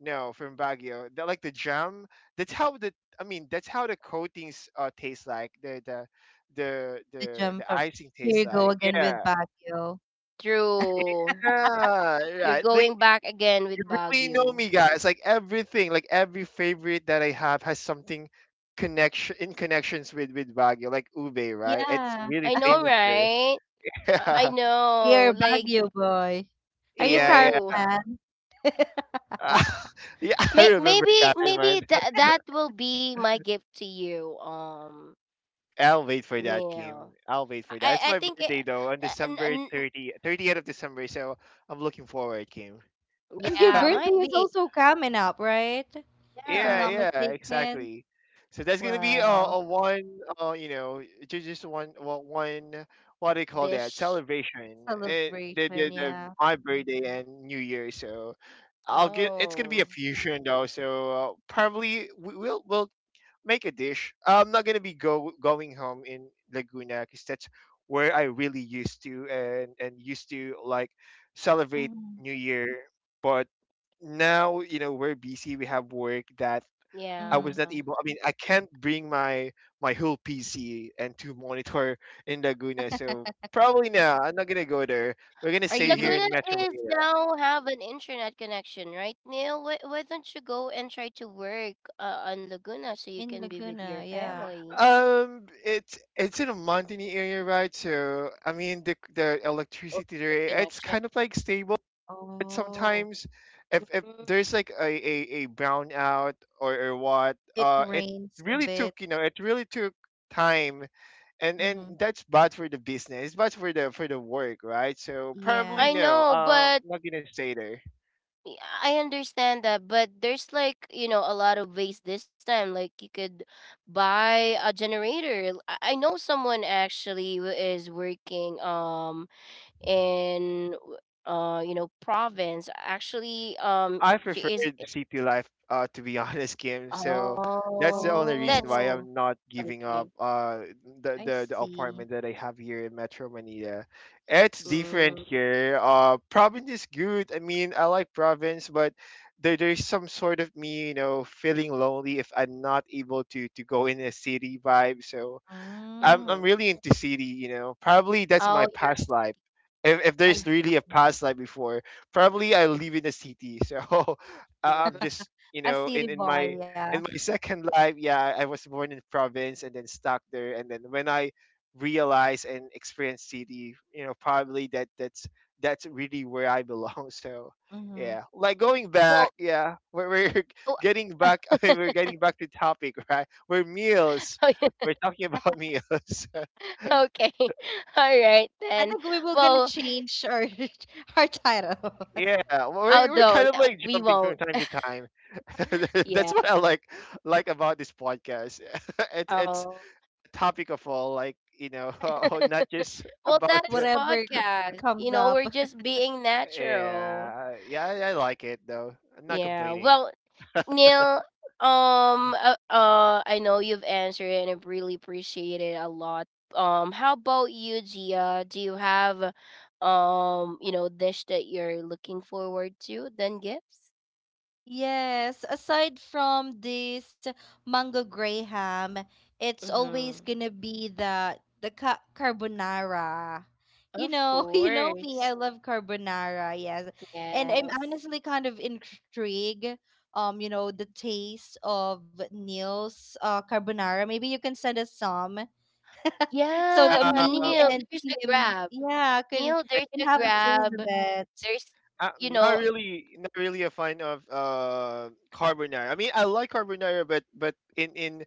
Speaker 3: No, from Baguio. The, like the jam. That's how the I mean, that's how the coatings uh taste like. The the the
Speaker 2: The
Speaker 3: the
Speaker 2: jump. From
Speaker 3: the icing
Speaker 2: here
Speaker 3: tastes
Speaker 2: you go
Speaker 3: like.
Speaker 2: again with
Speaker 3: Yeah.
Speaker 2: Baguio.
Speaker 3: It-
Speaker 1: True.
Speaker 3: yeah,
Speaker 1: You're
Speaker 3: right. Like,
Speaker 1: going back again
Speaker 3: you
Speaker 1: with
Speaker 3: really know
Speaker 1: Baguio.
Speaker 3: me, guys. Like everything, like every favorite that I have has something connection in connections with with Baguio, like ube, right? It's
Speaker 2: Yeah,
Speaker 3: really
Speaker 1: I know,
Speaker 3: famous
Speaker 1: right? I I
Speaker 3: there. [laughs]
Speaker 2: you're
Speaker 1: know.
Speaker 2: a
Speaker 1: Like,
Speaker 2: Baguio boy. Are you
Speaker 3: Yeah,
Speaker 2: Carol
Speaker 1: true.
Speaker 3: yeah,
Speaker 2: fan?
Speaker 3: yeah. [laughs] Yeah. I
Speaker 1: May-
Speaker 3: remember,
Speaker 1: maybe
Speaker 3: Karen,
Speaker 1: maybe
Speaker 3: man.
Speaker 1: that that will be my gift to you, um
Speaker 3: I'll wait for that
Speaker 1: Neil.
Speaker 3: game. I'll wait for
Speaker 1: i
Speaker 3: that. It's
Speaker 1: i
Speaker 3: my
Speaker 1: think it,
Speaker 3: birthday though on
Speaker 1: uh, n-
Speaker 3: December
Speaker 1: n- n-
Speaker 3: 30, thirtieth of December, so I'm looking forward, Kim.
Speaker 2: And your
Speaker 1: yeah,
Speaker 2: birthday
Speaker 3: [laughs]
Speaker 1: might
Speaker 2: is
Speaker 1: be.
Speaker 2: also coming up, right? If I'm
Speaker 3: Yeah,
Speaker 2: not
Speaker 1: Yeah.
Speaker 3: yeah,
Speaker 2: mistaken.
Speaker 3: exactly. So that's gonna be a,
Speaker 2: Wow.
Speaker 3: a one, uh, you know, ju- just one, well, one, what do you call that?
Speaker 1: Dish.
Speaker 3: Celebration. Eh, the,
Speaker 2: Celebration,
Speaker 3: the, the
Speaker 2: yeah.
Speaker 3: my birthday and New Year. So I'll get. It's gonna be a
Speaker 1: Oh,
Speaker 3: fusion though. So, uh, probably we, we'll we'll make a dish. I'm not gonna be go going home in Laguna, because that's where I really used to and and used to like celebrate
Speaker 2: Mm-hmm.
Speaker 3: New Year. But now, you know, we're busy. We have work that I
Speaker 2: Mm-hmm.
Speaker 1: yeah,
Speaker 3: was not able. I mean, I can't bring my my whole P C and to monitor in Laguna. So probably now I'm not gonna go there. We're gonna
Speaker 2: Are you
Speaker 3: stay
Speaker 2: gonna
Speaker 3: here
Speaker 1: Laguna
Speaker 3: in Metro
Speaker 1: is
Speaker 3: Manila.
Speaker 1: now have an internet connection, right, Neil? Why, why don't you go and try to work uh, on Laguna so you
Speaker 2: in
Speaker 1: can be with
Speaker 2: Laguna?
Speaker 1: your
Speaker 2: Yeah.
Speaker 1: family?
Speaker 3: Um, it's it's in a mountainy area, right? So I mean, the the electricity
Speaker 1: Internet
Speaker 3: there, it's
Speaker 1: connection.
Speaker 3: kind of like stable, but
Speaker 2: Oh,
Speaker 3: sometimes if if
Speaker 1: Mm,
Speaker 3: there's like a a, a brownout or or what,
Speaker 2: it
Speaker 3: uh, it
Speaker 2: rains a
Speaker 3: really
Speaker 2: bit.
Speaker 3: took, you know, it really took time, and and
Speaker 2: Mm-hmm.
Speaker 3: that's bad for the business. It's bad for the for the work, right? So probably
Speaker 1: I
Speaker 2: Yes.
Speaker 3: no,
Speaker 1: know,
Speaker 3: uh,
Speaker 1: but
Speaker 3: I'm not gonna stay there.
Speaker 1: Y- I understand that, but there's like, you know, a lot of ways this time. Like you could buy a generator. L- I I know someone actually who is working, um in w- uh you know province. Actually, um
Speaker 3: I
Speaker 1: she is
Speaker 3: preferred city life, uh, to be [laughs] honest, Kim.
Speaker 1: i-
Speaker 3: So that's the
Speaker 1: oh,
Speaker 3: only
Speaker 1: that's
Speaker 3: reason
Speaker 2: Oh,
Speaker 3: why I'm not giving
Speaker 1: okay.
Speaker 3: up uh
Speaker 2: I
Speaker 3: the the, the
Speaker 2: see.
Speaker 3: apartment that I have here in Metro Manila. It's
Speaker 2: S-
Speaker 3: different
Speaker 1: Mm.
Speaker 3: here. Uh, province is good. I mean, I like province, but there there's some sort of me, you know, feeling lonely if I'm not able to to go in a city vibe. So I'm
Speaker 2: Mm,
Speaker 1: Mm-hmm.
Speaker 3: I'm really into city, you know. Probably that's my
Speaker 1: Oh, you're a
Speaker 3: past life.
Speaker 1: city.
Speaker 3: If if
Speaker 2: I s-
Speaker 3: there's really a past life before, probably I live in a city. So [laughs] I- I'm
Speaker 1: Mhm.
Speaker 3: just, you
Speaker 2: a
Speaker 3: know,
Speaker 2: city
Speaker 3: in in
Speaker 2: boy,
Speaker 3: my
Speaker 2: yeah.
Speaker 3: in my second life. Yeah, I was born in province and then stuck there, and then when I realized and experienced city, you know, probably that that's that's really where I belong. [laughs] So.
Speaker 2: Mm-hmm.
Speaker 3: Yeah, like going back.
Speaker 1: Well,
Speaker 3: Yeah, we're, we're [laughs]
Speaker 1: oh,
Speaker 3: getting back. [laughs] I mean, we're
Speaker 1: [laughs]
Speaker 3: getting back to topic, right? We're meals
Speaker 1: okay.
Speaker 3: we're talking about meals. [laughs]
Speaker 2: [laughs]
Speaker 1: [laughs] All right
Speaker 2: I
Speaker 1: then.
Speaker 2: think we will gonna
Speaker 1: Well,
Speaker 2: change our [laughs] our title, [laughs]
Speaker 3: Yeah,
Speaker 1: I
Speaker 3: we're, we're kind
Speaker 1: don't.
Speaker 3: of like
Speaker 1: We
Speaker 3: jumping from
Speaker 1: won't.
Speaker 3: time to time. [laughs]
Speaker 1: Yeah.
Speaker 3: That's what I like like about this podcast. [laughs] it's it's
Speaker 1: Oh.
Speaker 3: topic of all, like, you know, [laughs] not just
Speaker 1: Well,
Speaker 3: about
Speaker 1: that
Speaker 3: the
Speaker 1: is
Speaker 2: whatever
Speaker 1: podcast. You
Speaker 2: comes
Speaker 1: know,
Speaker 2: up.
Speaker 1: we're just being natural.
Speaker 3: yeah, yeah, I I like it though. I'm not
Speaker 1: Yeah.
Speaker 3: complaining.
Speaker 1: Well, Neil, um uh, uh I know you've answered it and I really appreciate it a lot. Um how about you, Gia? Do you have, um, you know, dish that you're looking forward to than gifts?
Speaker 2: Yes, aside from this mango graham, it's always
Speaker 1: Mhm.
Speaker 2: gonna be the the ca- carbonara. You
Speaker 1: Of
Speaker 2: know, [laughs] you know me,
Speaker 1: course.
Speaker 2: I love carbonara, yes. And I'm
Speaker 1: Yes.
Speaker 2: honestly kind of intrigued, um, you know, the taste of Neil's uh carbonara. Maybe you can send us some [laughs] so
Speaker 1: Yeah,
Speaker 2: that me
Speaker 3: Um,
Speaker 1: Neil,
Speaker 2: and
Speaker 1: there's a
Speaker 2: Kim,
Speaker 1: grab.
Speaker 2: yeah, can
Speaker 1: Neil, there's
Speaker 2: can
Speaker 1: a
Speaker 2: have a
Speaker 3: yeah.
Speaker 2: taste of
Speaker 1: grab.
Speaker 2: it.
Speaker 1: There's,
Speaker 3: Uh,
Speaker 1: you
Speaker 3: Not
Speaker 1: know
Speaker 3: really, not really a fan of uh carbonara. I mean, I like carbonara, but but in in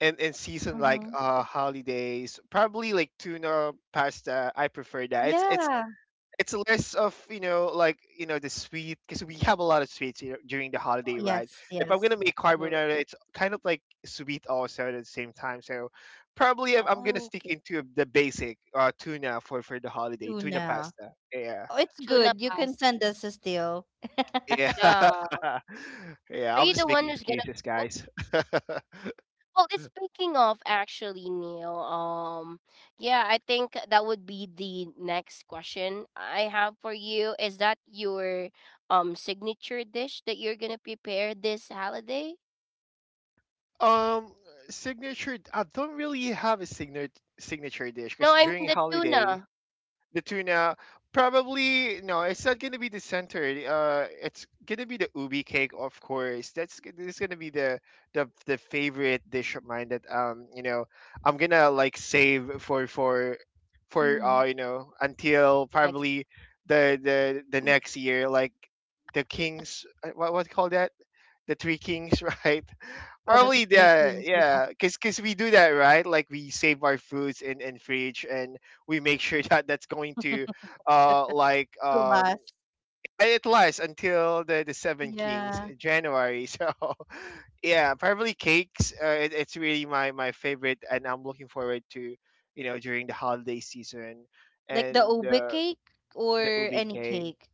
Speaker 3: in, in season like
Speaker 2: Mm-hmm.
Speaker 3: uh holidays, probably like tuna pasta. I prefer that. It's it's
Speaker 2: Yeah.
Speaker 3: it's less of, you know, like, you know, the sweet, because we have a lot of sweets, you know, during the holiday, right?
Speaker 2: Yes,
Speaker 3: If I'm
Speaker 2: yes.
Speaker 3: gonna make
Speaker 1: mm,
Speaker 3: carbonara, it's kind of like sweet also at the same time. So probably I'm, I'm gonna
Speaker 1: oh, okay,
Speaker 3: stick into the basic uh tuna for for the holiday tuna
Speaker 2: Tuna.
Speaker 3: pasta. Yeah.
Speaker 2: Oh, it's
Speaker 1: tuna
Speaker 2: good. You
Speaker 1: pasta,
Speaker 2: can send us a still. [laughs]
Speaker 3: Yeah.
Speaker 1: yeah.
Speaker 3: [laughs] Yeah,
Speaker 1: Are
Speaker 3: I'm
Speaker 1: you
Speaker 3: just
Speaker 1: the one
Speaker 3: making
Speaker 1: who's gonna
Speaker 3: excuses,
Speaker 1: cook?
Speaker 3: guys. [laughs]
Speaker 1: Well, it's speaking of actually, Neil, um, yeah, I think that would be the next question I have for you. Is that your um signature dish that you're gonna prepare this holiday?
Speaker 3: Um, signature. I don't really have a signature signature dish,
Speaker 1: No,
Speaker 3: because
Speaker 1: I mean
Speaker 3: during
Speaker 1: the
Speaker 3: holiday,
Speaker 1: tuna.
Speaker 3: the tuna probably no, it's not gonna be the center. Uh it's gonna be the ubi cake, of course. That's g- this is gonna be the the the favorite dish of mine that, um, you know, I'm gonna like save for for for,
Speaker 2: Mhm.
Speaker 3: uh you know, until
Speaker 1: The next,
Speaker 3: probably the the the next year, like the kings. Uh, what what do you call that? The three kings. [laughs] Right?
Speaker 2: Oh, the
Speaker 3: Probably
Speaker 2: Three Kings.
Speaker 3: the,
Speaker 2: Yeah,
Speaker 3: yeah. Cause 'cause we do that, right? Like, we save our foods in in fridge, and we make sure [laughs] that that's going to, uh, like,
Speaker 2: to
Speaker 3: um,
Speaker 2: last.
Speaker 3: and it lasts until the the Seven Kings
Speaker 2: Yeah.
Speaker 3: in January. [laughs] So yeah, probably cakes. Uh, it, it's really my my favorite, and I'm looking forward to, you know, during the holiday season
Speaker 2: Like the
Speaker 3: and,
Speaker 2: ube
Speaker 3: uh,
Speaker 2: cake
Speaker 3: the
Speaker 2: or
Speaker 3: ubi
Speaker 2: any
Speaker 3: cake.
Speaker 2: cake.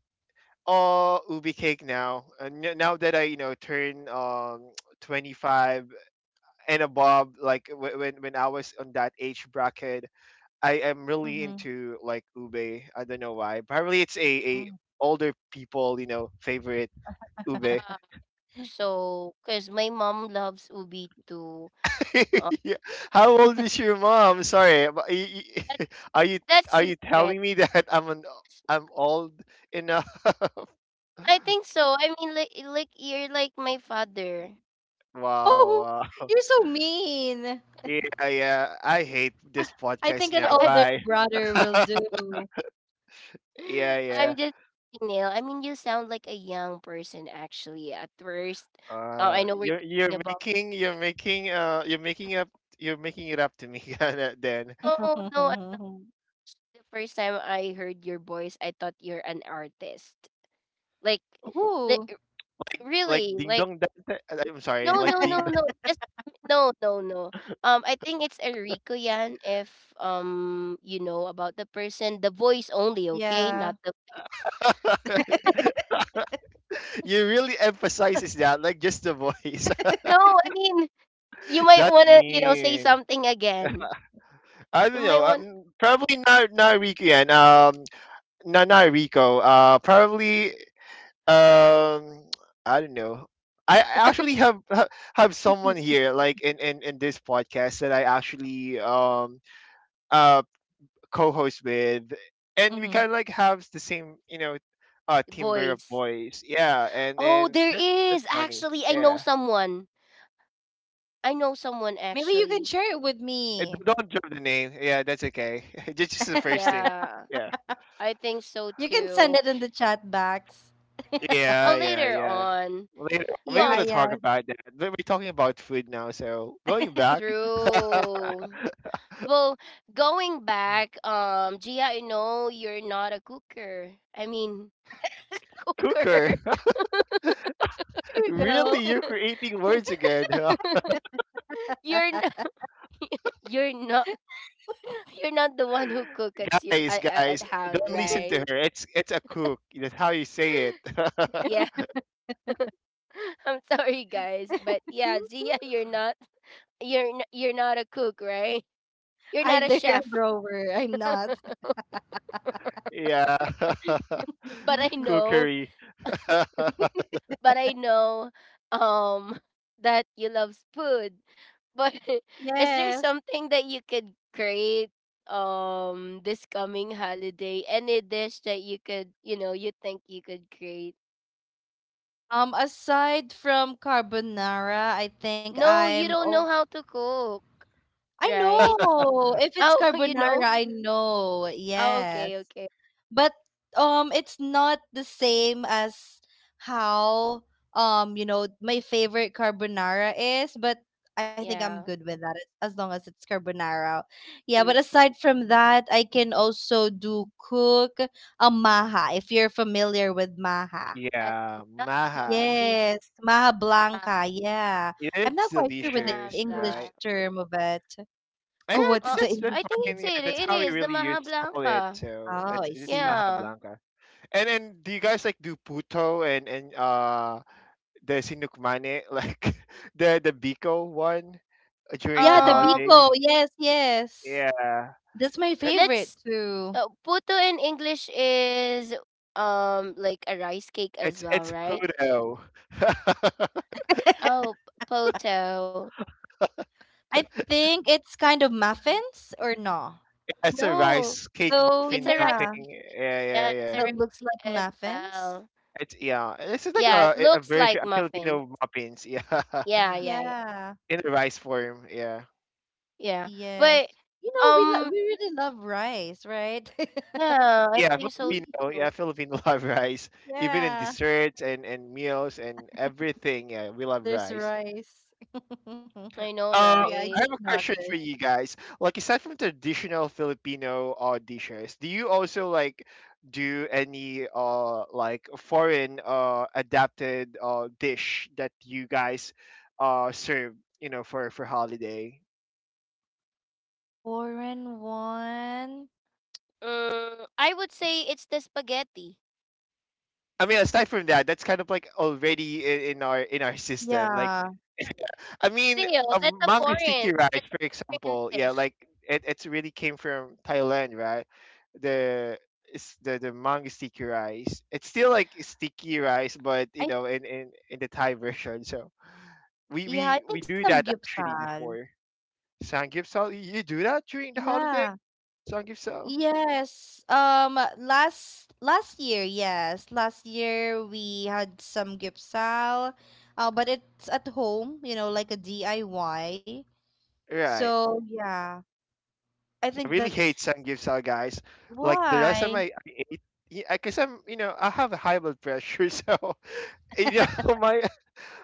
Speaker 3: Oh, ubi cake now. And n- now that I, you know, turn, um, [tsk] twenty-five and above. Like wh- when when I was on that age bracket, I am really
Speaker 2: Hmm.
Speaker 3: into like ube. I don't know why. Probably it's a, a older people, you know, favorite, ube.
Speaker 1: yeah.
Speaker 2: [laughs]
Speaker 1: So, cause my mom loves ubi too. Um,
Speaker 3: [laughs] Yeah. How old is your mom, sorry, but y-
Speaker 1: that
Speaker 3: y- [laughs] are you,
Speaker 1: that's
Speaker 3: are you
Speaker 1: secret.
Speaker 3: telling me [laughs] that i'm an I'm old enough?
Speaker 1: I
Speaker 3: [laughs]
Speaker 1: think so. I mean, like, eh, like you're like my father.
Speaker 2: Oh,
Speaker 3: Wow, wow.
Speaker 2: you're so mean.
Speaker 3: Yeah, yeah, I hate this
Speaker 2: I
Speaker 3: podcast
Speaker 2: think an
Speaker 3: now,
Speaker 1: [laughs] I'm,
Speaker 2: older
Speaker 3: bye.
Speaker 2: brother will do.
Speaker 3: Yeah,
Speaker 1: I'm
Speaker 3: yeah.
Speaker 1: just kidding, Neil. I mean, you sound like a young person actually. At first, uh, I
Speaker 3: Uh,
Speaker 1: know we're
Speaker 3: you're
Speaker 1: talking
Speaker 3: you're
Speaker 1: about.
Speaker 3: making you're making uh you're making up, you're making it up to me. [laughs] Uh, then,
Speaker 1: No, no. I-
Speaker 2: [laughs]
Speaker 1: The first time I heard your voice, I thought you're an artist. Like,
Speaker 3: W- w-
Speaker 2: Ooh,
Speaker 1: li-
Speaker 3: like
Speaker 1: really?
Speaker 3: Ding
Speaker 1: Like,
Speaker 3: Dong Dante- uh, I'm sorry,
Speaker 1: no,
Speaker 3: like
Speaker 1: no, no,
Speaker 3: Ding Dong.
Speaker 1: no. Just no, no, no. Um, I think it's Enrico Yan. If um, you know about the person, the voice only. Okay,
Speaker 2: yeah.
Speaker 1: not the face.
Speaker 3: [laughs] You really emphasizes that, like, just the voice.
Speaker 1: No, I mean, you
Speaker 3: [laughs]
Speaker 1: might
Speaker 3: That
Speaker 1: want to, you know, say
Speaker 3: mean,
Speaker 1: something again.
Speaker 3: I
Speaker 1: You
Speaker 3: don't know,
Speaker 1: might want
Speaker 3: um, probably not, not Rico. And, um, not, not Rico, uh, probably, um, [tsk] I don't know. I I actually have ha- have someone here, like, in in in this podcast that I actually, um, uh, co-host with, and we
Speaker 2: Hmm.
Speaker 3: kind of like have the same, you know, uh, timbre of
Speaker 1: voice.
Speaker 3: voice. Yeah, and
Speaker 1: Oh,
Speaker 3: and
Speaker 1: there
Speaker 3: that's
Speaker 1: is
Speaker 3: that's funny.
Speaker 1: actually. I know
Speaker 3: Yeah,
Speaker 1: someone. I know someone
Speaker 2: Maybe you can
Speaker 1: actually.
Speaker 2: share it with
Speaker 3: and
Speaker 2: me.
Speaker 3: don't drop the name. Yeah, that's okay. [laughs] Just just the first name.
Speaker 1: Yeah,
Speaker 3: Yeah,
Speaker 1: I think so
Speaker 2: You can send
Speaker 1: too.
Speaker 2: it in the chat box.
Speaker 3: yeah,
Speaker 1: Oh,
Speaker 3: yeah,
Speaker 1: later
Speaker 3: yeah.
Speaker 1: on.
Speaker 3: Later, maybe we're
Speaker 2: Yeah,
Speaker 1: Well,
Speaker 3: gonna
Speaker 2: yeah.
Speaker 3: talk
Speaker 2: There
Speaker 3: about that. But we're talking about food now, so going back.
Speaker 1: through. Well, going back,
Speaker 3: [laughs]
Speaker 1: um, Gia, I know you're not a cooker. I mean, [laughs] cooker.
Speaker 3: Cooker. [laughs]
Speaker 2: we go.
Speaker 3: Really, you're
Speaker 1: [laughs]
Speaker 3: creating words again.
Speaker 1: You're not, [laughs] you're not, [laughs] you're not the one who cook at
Speaker 3: [laughs]
Speaker 1: your
Speaker 3: Guys.
Speaker 1: at, at at
Speaker 3: Guys,
Speaker 1: house,
Speaker 3: don't listen
Speaker 1: right?
Speaker 3: to her. It's it's a cook. That's how you say it. [laughs]
Speaker 1: Yeah. [laughs] I'm sorry, guys, but yeah,
Speaker 2: [laughs]
Speaker 1: Zia, you're not you're n- you're not a cook, right? You're not a
Speaker 2: Either a
Speaker 1: chef,
Speaker 2: drawer. I'm not.
Speaker 3: Yeah.
Speaker 1: but I
Speaker 3: [laughs]
Speaker 2: [laughs]
Speaker 1: know,
Speaker 3: Cookery. [laughs]
Speaker 1: but I know, um, [laughs] that you love food. But [laughs] is there
Speaker 2: Yes.
Speaker 1: something that you could create, um, this coming holiday? Any dish that you could, you know, you think you could create?
Speaker 2: Um, aside from carbonara, I think
Speaker 1: No,
Speaker 2: I'm
Speaker 1: you don't
Speaker 2: oh,
Speaker 1: know how to cook,
Speaker 2: I
Speaker 1: right?
Speaker 2: know. If it's
Speaker 1: Oh, [laughs] you
Speaker 2: carbonara,
Speaker 1: know.
Speaker 2: I know.
Speaker 1: Oh,
Speaker 2: Yes.
Speaker 1: okay, okay,
Speaker 2: But um it's not the same as how um you know my favorite carbonara is, but I think I'm good
Speaker 1: yeah.
Speaker 2: with that, as as long as it's carbonara. Yeah, but
Speaker 1: Mm.
Speaker 2: aside from that, I can also do cook a maha, if you're familiar with maha.
Speaker 1: That's
Speaker 3: Yeah,
Speaker 1: enough, Mama
Speaker 3: maha.
Speaker 1: G.
Speaker 2: Yes, maha
Speaker 1: I
Speaker 2: blanca, yeah. I'm
Speaker 3: It's
Speaker 2: not quite sure
Speaker 1: wanna
Speaker 2: with the
Speaker 1: have
Speaker 3: delicious,
Speaker 2: English
Speaker 1: that.
Speaker 3: right?
Speaker 2: term of it. Oh,
Speaker 3: Uh,
Speaker 2: what's
Speaker 3: yeah,
Speaker 2: the
Speaker 3: th-
Speaker 1: Uh,
Speaker 3: that's
Speaker 2: English
Speaker 3: that's
Speaker 1: I think
Speaker 2: term?
Speaker 3: fine.
Speaker 1: it's
Speaker 3: Yeah,
Speaker 1: it
Speaker 3: that's
Speaker 1: it
Speaker 3: how we
Speaker 1: is the
Speaker 3: really
Speaker 1: Maha
Speaker 3: used to call it.
Speaker 1: Blanca.
Speaker 3: So
Speaker 2: Oh,
Speaker 3: it's
Speaker 2: I
Speaker 3: it's
Speaker 2: see.
Speaker 3: maha
Speaker 1: Yeah.
Speaker 3: blanca. And then, do you guys like do puto and and uh, the sinukmane, [laughs] like the the biko one, uh, during the
Speaker 2: Yeah, the
Speaker 1: Um,
Speaker 3: holidays?
Speaker 2: biko, yes, yes.
Speaker 3: Yeah,
Speaker 2: That's my
Speaker 3: it,
Speaker 1: let's
Speaker 2: favorite too.
Speaker 1: uh, Puto in English is um like a rice cake
Speaker 3: it's
Speaker 1: as
Speaker 3: it's
Speaker 1: well, right?
Speaker 3: puto. [laughs]
Speaker 1: Oh, p- poto.
Speaker 2: I think it's kind of muffins or no.
Speaker 3: It's a
Speaker 1: No,
Speaker 3: rice cake
Speaker 2: Though
Speaker 1: it's
Speaker 3: muffin
Speaker 1: a rice
Speaker 2: yeah,
Speaker 3: something.
Speaker 1: cake.
Speaker 3: Yeah,
Speaker 1: Yeah,
Speaker 3: yeah,
Speaker 1: it's a
Speaker 3: yeah,
Speaker 2: that
Speaker 1: rice
Speaker 2: looks
Speaker 1: cake
Speaker 2: like
Speaker 1: as
Speaker 2: muffins.
Speaker 1: well.
Speaker 3: it's, yeah. This is like
Speaker 1: Yeah, it
Speaker 3: a a
Speaker 1: looks
Speaker 3: version
Speaker 1: like
Speaker 3: of
Speaker 1: muffin.
Speaker 3: Filipino muffins. Yeah, [laughs]
Speaker 1: Yeah, yeah, yeah,
Speaker 2: Yeah.
Speaker 3: in a rice form. Yeah,
Speaker 1: yeah.
Speaker 2: Yes.
Speaker 1: But
Speaker 2: You know, we lo-
Speaker 1: um,
Speaker 2: we really love rice, right? [laughs]
Speaker 1: yeah, I
Speaker 3: yeah.
Speaker 1: think so
Speaker 2: We-
Speaker 3: Filipino.
Speaker 1: too.
Speaker 3: Yeah, Filipino [laughs] love rice. Even in
Speaker 2: yeah,
Speaker 3: desserts and and meals and everything. Yeah, we love
Speaker 2: there's
Speaker 3: rice.
Speaker 2: rice. [laughs]
Speaker 1: I know,
Speaker 3: Uh,
Speaker 2: Yeah, I
Speaker 1: right?
Speaker 2: just
Speaker 3: I have a question
Speaker 2: noticed.
Speaker 3: for you guys. Like, aside from traditional Filipino, uh, dishes, do you also like do any, uh, like foreign, uh, adapted, uh, dish that you guys, uh, serve? You know, for for holiday.
Speaker 2: Foreign one.
Speaker 1: Mm, I would say it's the spaghetti.
Speaker 3: I mean, aside from that, that's kind of like already in, in our in our system. Like,
Speaker 2: Yeah.
Speaker 3: [laughs] I mean,
Speaker 1: Still,
Speaker 3: a
Speaker 1: that's a
Speaker 3: mango
Speaker 1: foreign.
Speaker 3: sticky rice,
Speaker 1: That's
Speaker 3: for
Speaker 1: a foreign
Speaker 3: example, yeah,
Speaker 1: dish.
Speaker 3: like it it's really came from Thailand, right? The It's the the mango sticky rice. It's still like sticky rice, but, you
Speaker 2: I
Speaker 3: know, in in in the Thai version. So we
Speaker 2: yeah, I
Speaker 3: we we
Speaker 2: think
Speaker 3: do
Speaker 2: some
Speaker 3: that actually
Speaker 2: gyupsal.
Speaker 3: before. Samgyeopsal. You do that during the holiday,
Speaker 2: Yeah.
Speaker 3: Samgyeopsal,
Speaker 2: Yes. Um last last year, yes. Last year we had some gipsal. Uh but it's at home, you know, like a D I Y.
Speaker 3: right?
Speaker 2: So yeah. I
Speaker 3: I
Speaker 2: think
Speaker 3: really hate
Speaker 2: that's
Speaker 3: samgyeopsal, guys. Like the last time
Speaker 2: why.
Speaker 3: I, I ate, yeah, I guess I'm, you know, I have a high blood pressure. [laughs] So, you know, my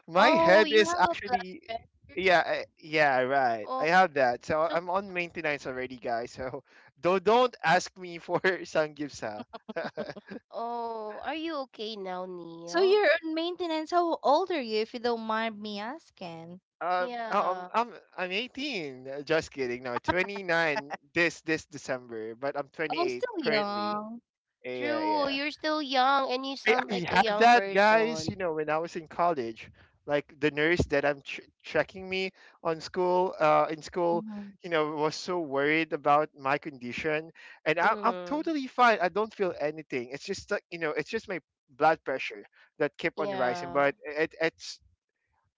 Speaker 3: my
Speaker 1: Oh,
Speaker 3: head
Speaker 1: you
Speaker 3: is
Speaker 1: have a blood
Speaker 3: actually,
Speaker 1: pressure.
Speaker 3: yeah, I- yeah, right.
Speaker 1: Oh,
Speaker 3: I have that, so
Speaker 1: so
Speaker 3: I'm on maintenance already, guys. So don't don't ask me for [laughs] samgyeopsal. [laughs]
Speaker 1: oh, are you okay now,
Speaker 2: So
Speaker 1: Neil?
Speaker 2: you're on maintenance. How old are you if you don't mind me asking?
Speaker 3: Um, um,
Speaker 1: Yeah,
Speaker 3: I'm I'm eighteen. Uh, just kidding. No, twenty-nine this this December, but I'm
Speaker 2: Oh,
Speaker 3: twenty-eight
Speaker 2: still
Speaker 3: currently.
Speaker 2: young.
Speaker 3: Yeah,
Speaker 1: true.
Speaker 3: yeah.
Speaker 1: You're still young, and you
Speaker 3: I,
Speaker 1: sound
Speaker 3: I
Speaker 1: like a
Speaker 3: had
Speaker 1: young
Speaker 3: that, guys. You
Speaker 1: person.
Speaker 3: know, when I was in college, like the nurse that I'm ch- checking me on school, uh, in school,
Speaker 2: Mm-hmm.
Speaker 3: you know, was so worried about my condition, and I'm I'm
Speaker 1: Mm.
Speaker 3: totally fine. I don't feel anything. It's just like, you know, it's just my blood pressure that kept on rising,
Speaker 1: Yeah.
Speaker 3: but it it's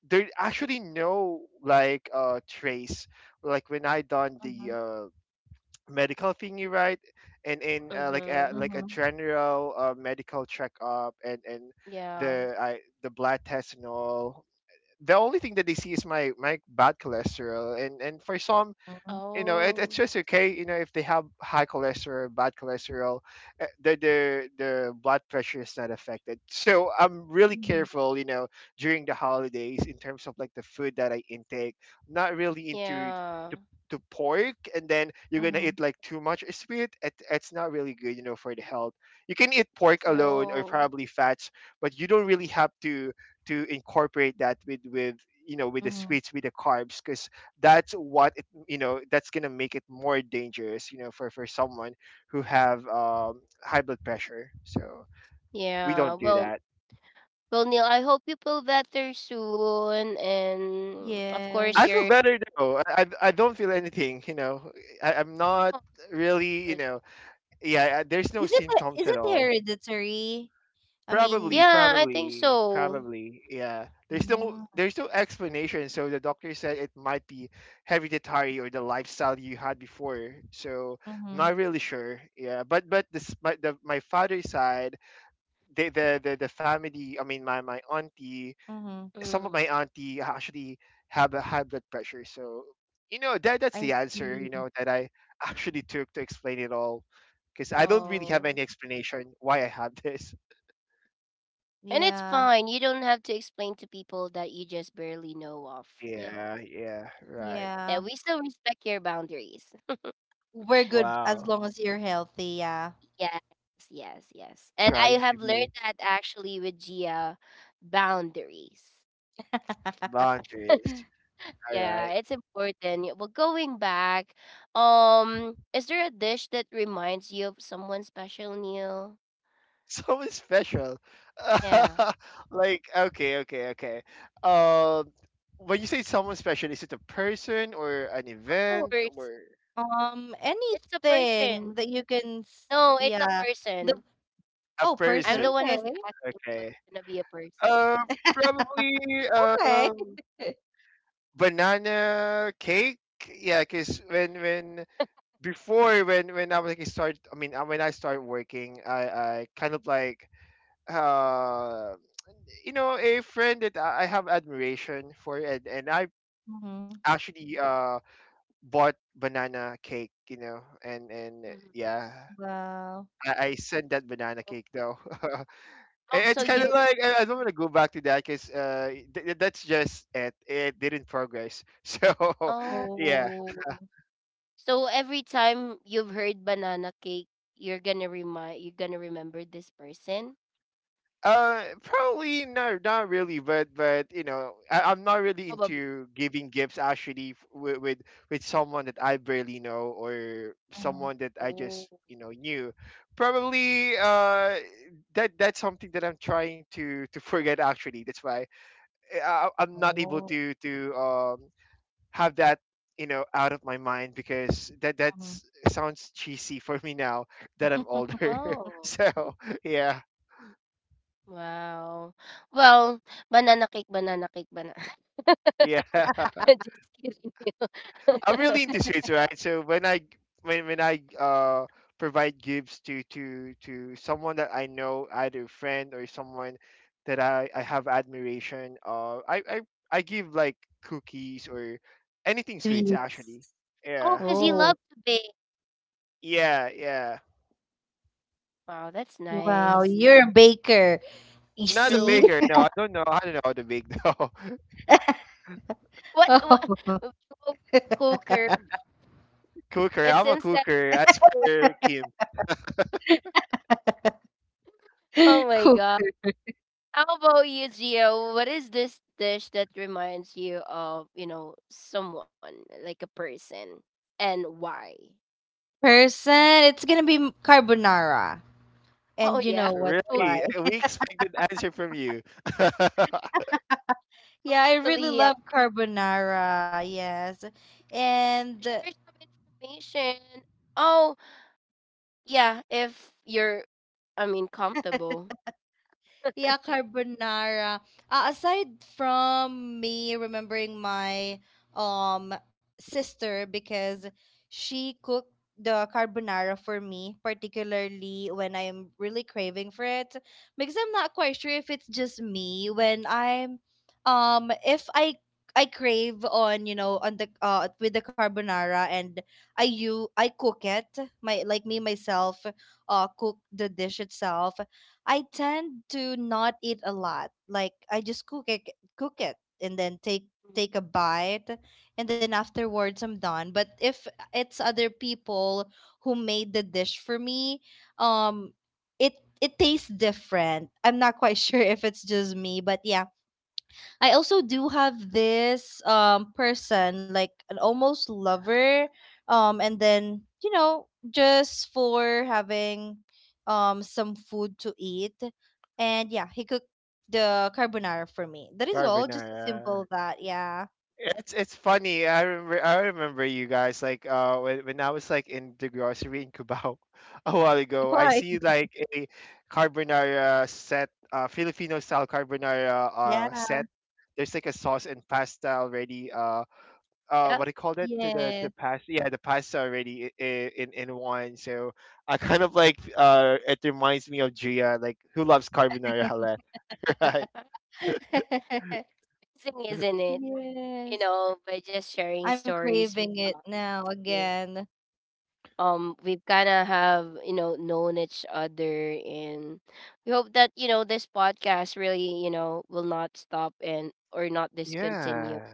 Speaker 3: there actually no, like, uh trace, like when I done
Speaker 2: Mm-hmm.
Speaker 3: the uh medical thingy, right? And in uh, like
Speaker 1: Mm-hmm.
Speaker 3: a, like a
Speaker 2: Mm-hmm.
Speaker 3: general uh, medical checkup, and and
Speaker 1: Yeah.
Speaker 3: the I, the blood test and all, the only thing that they see is my my bad cholesterol. And and for some,
Speaker 2: Mm-hmm.
Speaker 3: you know it,
Speaker 1: Oh.
Speaker 3: it's just okay, you know if they have high cholesterol, bad cholesterol, uh, the the the blood pressure is not affected. So I'm really
Speaker 2: Mm-hmm.
Speaker 3: careful, you know during the holidays, in terms of like the food that I intake. Not really into
Speaker 1: Yeah.
Speaker 3: the, the pork, and then you're gonna
Speaker 2: Mm-hmm.
Speaker 3: eat like too much sweet. It, it's not really good, you know for the health. You can eat pork alone, or
Speaker 1: Oh.
Speaker 3: probably fats, but you don't really have to to incorporate that with with you know with the
Speaker 2: Mm-hmm.
Speaker 3: sweets, with the carbs, because that's what you know that's gonna make it more dangerous, you know for for someone who have um high blood pressure. So we
Speaker 1: Yeah.
Speaker 3: don't do
Speaker 1: Well,
Speaker 3: that.
Speaker 1: Well, Neil, I hope you feel better soon, and of course
Speaker 3: I feel
Speaker 2: Yes.
Speaker 1: you're.
Speaker 3: better, though. I i, I don't feel anything you know I, i'm not really, you
Speaker 1: But
Speaker 3: know yeah. I- there's no
Speaker 2: Is it
Speaker 3: symptoms
Speaker 2: he- is
Speaker 3: at
Speaker 2: it
Speaker 3: all.
Speaker 2: hereditary? I
Speaker 3: probably
Speaker 2: mean
Speaker 1: yeah, I think
Speaker 3: probably
Speaker 1: so.
Speaker 3: probably yeah. there's no
Speaker 2: Mm,
Speaker 3: there's no explanation, so the doctor said it might be hereditary, or the lifestyle you had before. So I'm
Speaker 2: mhm,
Speaker 3: not really sure, yeah, but but this my, the, my father's side, the the the, the family, I mean, my my auntie,
Speaker 2: mhm.
Speaker 3: some of
Speaker 1: Mm,
Speaker 3: my auntie actually have a high blood pressure. So, you know that that's
Speaker 2: I
Speaker 3: the answer,
Speaker 2: see.
Speaker 3: you know that I [laughs] actually took to explain it all, because I don't really have
Speaker 1: oh,
Speaker 3: any explanation why I have this.
Speaker 1: and it's
Speaker 2: Yeah,
Speaker 1: fine. You don't have to explain to people that you just barely know of, Neil.
Speaker 3: Yeah, yeah, right.
Speaker 2: yeah.
Speaker 1: That we still respect your boundaries.
Speaker 2: We're good as
Speaker 3: Wow.
Speaker 2: long as you're healthy, yeah.
Speaker 1: Yes, yes, yes. And I
Speaker 3: Trying to
Speaker 1: have learned
Speaker 3: be
Speaker 1: that actually with Gia, boundaries.
Speaker 2: [laughs]
Speaker 3: boundaries. All
Speaker 1: Yeah,
Speaker 3: right.
Speaker 1: it's important. Y- Well, going back, um, is there a dish that reminds you of someone special, Neil?
Speaker 3: Something special.
Speaker 1: Yeah,
Speaker 3: [laughs] Like, okay, okay, okay. Um, when you say someone special, is it a person or an
Speaker 1: of
Speaker 3: event,
Speaker 1: course.
Speaker 3: or
Speaker 2: Um,
Speaker 1: It's a
Speaker 2: anything
Speaker 1: person.
Speaker 2: that you can,
Speaker 1: No,
Speaker 2: s-
Speaker 1: it's a
Speaker 2: yeah.
Speaker 1: person.
Speaker 2: The
Speaker 3: a
Speaker 2: oh,
Speaker 1: I'm the
Speaker 2: person,
Speaker 1: one
Speaker 3: person?
Speaker 1: who's
Speaker 2: okay,
Speaker 1: asking, so it's
Speaker 3: Okay.
Speaker 1: gonna be a person.
Speaker 3: Um, Probably,
Speaker 2: [laughs] okay.
Speaker 3: um
Speaker 2: [laughs]
Speaker 3: banana cake. Yeah, cause when when before, when when I was like start, I mean, uh, when I started working, I I kind of like, uh you know a friend that I I have admiration for, and and I
Speaker 2: Mhm.
Speaker 3: actually uh bought banana cake, you know, and and uh,
Speaker 1: Mhm.
Speaker 3: yeah.
Speaker 2: Wow.
Speaker 3: I, I sent that banana
Speaker 1: Oh,
Speaker 3: cake, though. [laughs] I-
Speaker 1: oh, so
Speaker 3: it's kind of
Speaker 1: you,
Speaker 2: [laughs]
Speaker 3: like, I, I don't want to go back to that, because uh, th- th- that's just it. It didn't progress. [laughs] So,
Speaker 1: oh,
Speaker 3: yeah.
Speaker 2: Oh.
Speaker 1: so every time you've heard banana cake, you're gonna remind, you're gonna remember this person?
Speaker 3: Uh, probably not. Not really. But but you know, I, I'm not really
Speaker 1: Probably.
Speaker 3: into giving gifts, actually, f- with, with with someone that I barely know, or
Speaker 2: Mhm.
Speaker 3: someone that I
Speaker 1: Oh,
Speaker 3: just, you know knew. Probably, uh that that's something that I'm trying to to forget, actually. That's why I, I- I'm not able
Speaker 2: Oh.
Speaker 3: to to um have that, you know out of my mind, because that
Speaker 2: Mhm.
Speaker 3: that's sounds cheesy [laughs] for me now that I'm
Speaker 2: [laughs]
Speaker 3: older. [laughs]
Speaker 1: oh.
Speaker 3: So, yeah,
Speaker 1: Wow. Well, banana cake, banana cake, banana. [laughs]
Speaker 3: yeah.
Speaker 1: Just kidding you.
Speaker 3: I'm really
Speaker 1: [laughs]
Speaker 3: into sweets, right? So, when I when when I uh provide gifts to to to someone that I know, either friend or someone that I I have admiration, uh, I I I give like cookies, or anything sweets,
Speaker 1: Oh.
Speaker 2: Sweets.
Speaker 3: actually.
Speaker 1: Oh,
Speaker 3: Yeah,
Speaker 1: 'cause you
Speaker 2: Oh.
Speaker 1: love to bake.
Speaker 3: yeah, yeah.
Speaker 1: Wow, that's
Speaker 2: Wow,
Speaker 1: nice.
Speaker 2: you're a baker. You
Speaker 3: Not a
Speaker 2: see?
Speaker 1: True. [laughs]
Speaker 3: baker.
Speaker 2: [laughs]
Speaker 3: No, I don't know. I don't know how to bake, though.
Speaker 1: What what?
Speaker 2: Oh,
Speaker 1: [laughs] slow cooker.
Speaker 3: [laughs] Cooker.
Speaker 1: It
Speaker 3: I'm a
Speaker 1: seems that
Speaker 3: cooker. As per Kim.
Speaker 1: oh
Speaker 2: [laughs]
Speaker 1: my
Speaker 2: cook
Speaker 1: god. How about you, Gio? What is this dish that reminds you of, you know, someone, like a person, and why?
Speaker 2: person. It's gonna be m- carbonara.
Speaker 1: Oh,
Speaker 2: And you
Speaker 1: yeah,
Speaker 2: know what?
Speaker 3: Really?
Speaker 1: [laughs]
Speaker 2: Why?
Speaker 3: Eh,
Speaker 1: totally.
Speaker 3: we
Speaker 2: [laughs]
Speaker 3: expected answer from you. [laughs]
Speaker 2: Yeah, I really
Speaker 1: Totally, yeah.
Speaker 2: love carbonara. Yes,
Speaker 1: Just
Speaker 2: and
Speaker 1: share some information. Oh, yeah, if you're, I mean, comfortable.
Speaker 2: Yeah, carbonara. Uh, aside from me remembering my um sister, because she cooked the carbonara for me, particularly when I'm really craving for it. Because I'm not quite sure if it's just me when I'm um if I I crave on, you know, on the uh with the carbonara, and I you I cook it. My like me myself uh cook the dish itself, I tend to not eat a lot. Like I just cook it, cook it, and then take
Speaker 1: Mhm.
Speaker 2: take a bite, and then afterwards I'm done. But if it's other people who made the dish for me, um, it it tastes different. I'm not quite [laughs] sure if it's just me, but yeah, I also do have this um person like an almost lover, um and then you know just for having um some food to eat, and yeah, he cooked the carbonara for me. That is all just a simple
Speaker 3: Carbonara.
Speaker 2: that, yeah.
Speaker 3: It's it's funny. I remember I remember you guys, like, uh when, when I was like in the grocery in Cubao [laughs] a while
Speaker 2: [laughs]
Speaker 3: ago,
Speaker 2: Why?
Speaker 3: I see like a carbonara set, uh Filipino style carbonara uh
Speaker 2: Yeah,
Speaker 3: set. There's like a sauce and pasta already. Uh, uh,
Speaker 1: Yeah,
Speaker 3: what do you call it? To
Speaker 2: yes.
Speaker 3: the the pasta, yeah, the pasta already, i- i- in in one. So, I kind of like, uh, it reminds me of Gia, like, who loves carbonara a lot, [laughs] right?
Speaker 2: [laughs]
Speaker 1: amazing, isn't it? You
Speaker 2: Yes,
Speaker 1: know, by just sharing
Speaker 2: I'm
Speaker 1: stories with
Speaker 2: craving it
Speaker 1: us.
Speaker 2: now
Speaker 1: Yeah.
Speaker 2: again.
Speaker 1: Um, we kind of have, you know, known each other, and we hope that, you know, this podcast really, you know, will not stop and or not discontinue.
Speaker 3: Yeah.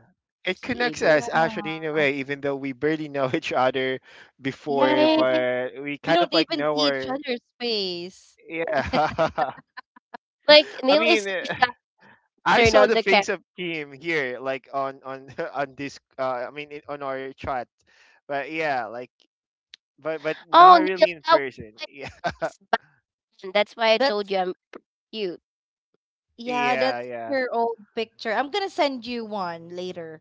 Speaker 3: It
Speaker 1: Just be
Speaker 3: connects
Speaker 1: able.
Speaker 3: us, actually,
Speaker 2: Yeah.
Speaker 3: in a way, even though we barely [laughs] know each other before,
Speaker 2: Yes,
Speaker 1: Hi.
Speaker 3: but we
Speaker 2: we
Speaker 3: kind
Speaker 2: don't
Speaker 3: of like
Speaker 2: even
Speaker 3: know
Speaker 2: see each
Speaker 3: her.
Speaker 2: other's face.
Speaker 3: Yeah. [laughs]
Speaker 1: Like,
Speaker 3: I
Speaker 1: Neil is
Speaker 3: mean,
Speaker 1: so
Speaker 3: eh,
Speaker 1: shy to
Speaker 3: I
Speaker 1: turn
Speaker 3: saw
Speaker 1: on
Speaker 3: the
Speaker 1: the camera.
Speaker 3: face of Kim here, like, on on [laughs] on this. Uh, I mean, in- on our chat. But, yeah, like, but but
Speaker 1: Oh,
Speaker 3: not
Speaker 1: Neil,
Speaker 3: really in
Speaker 1: that was
Speaker 3: person.
Speaker 1: my,
Speaker 3: [laughs]
Speaker 1: and that's why I told
Speaker 2: That's
Speaker 1: you I'm cute.
Speaker 2: Yeah,
Speaker 3: Yeah, yeah,
Speaker 2: that's
Speaker 3: yeah,
Speaker 2: her old picture. I'm gonna send you one later.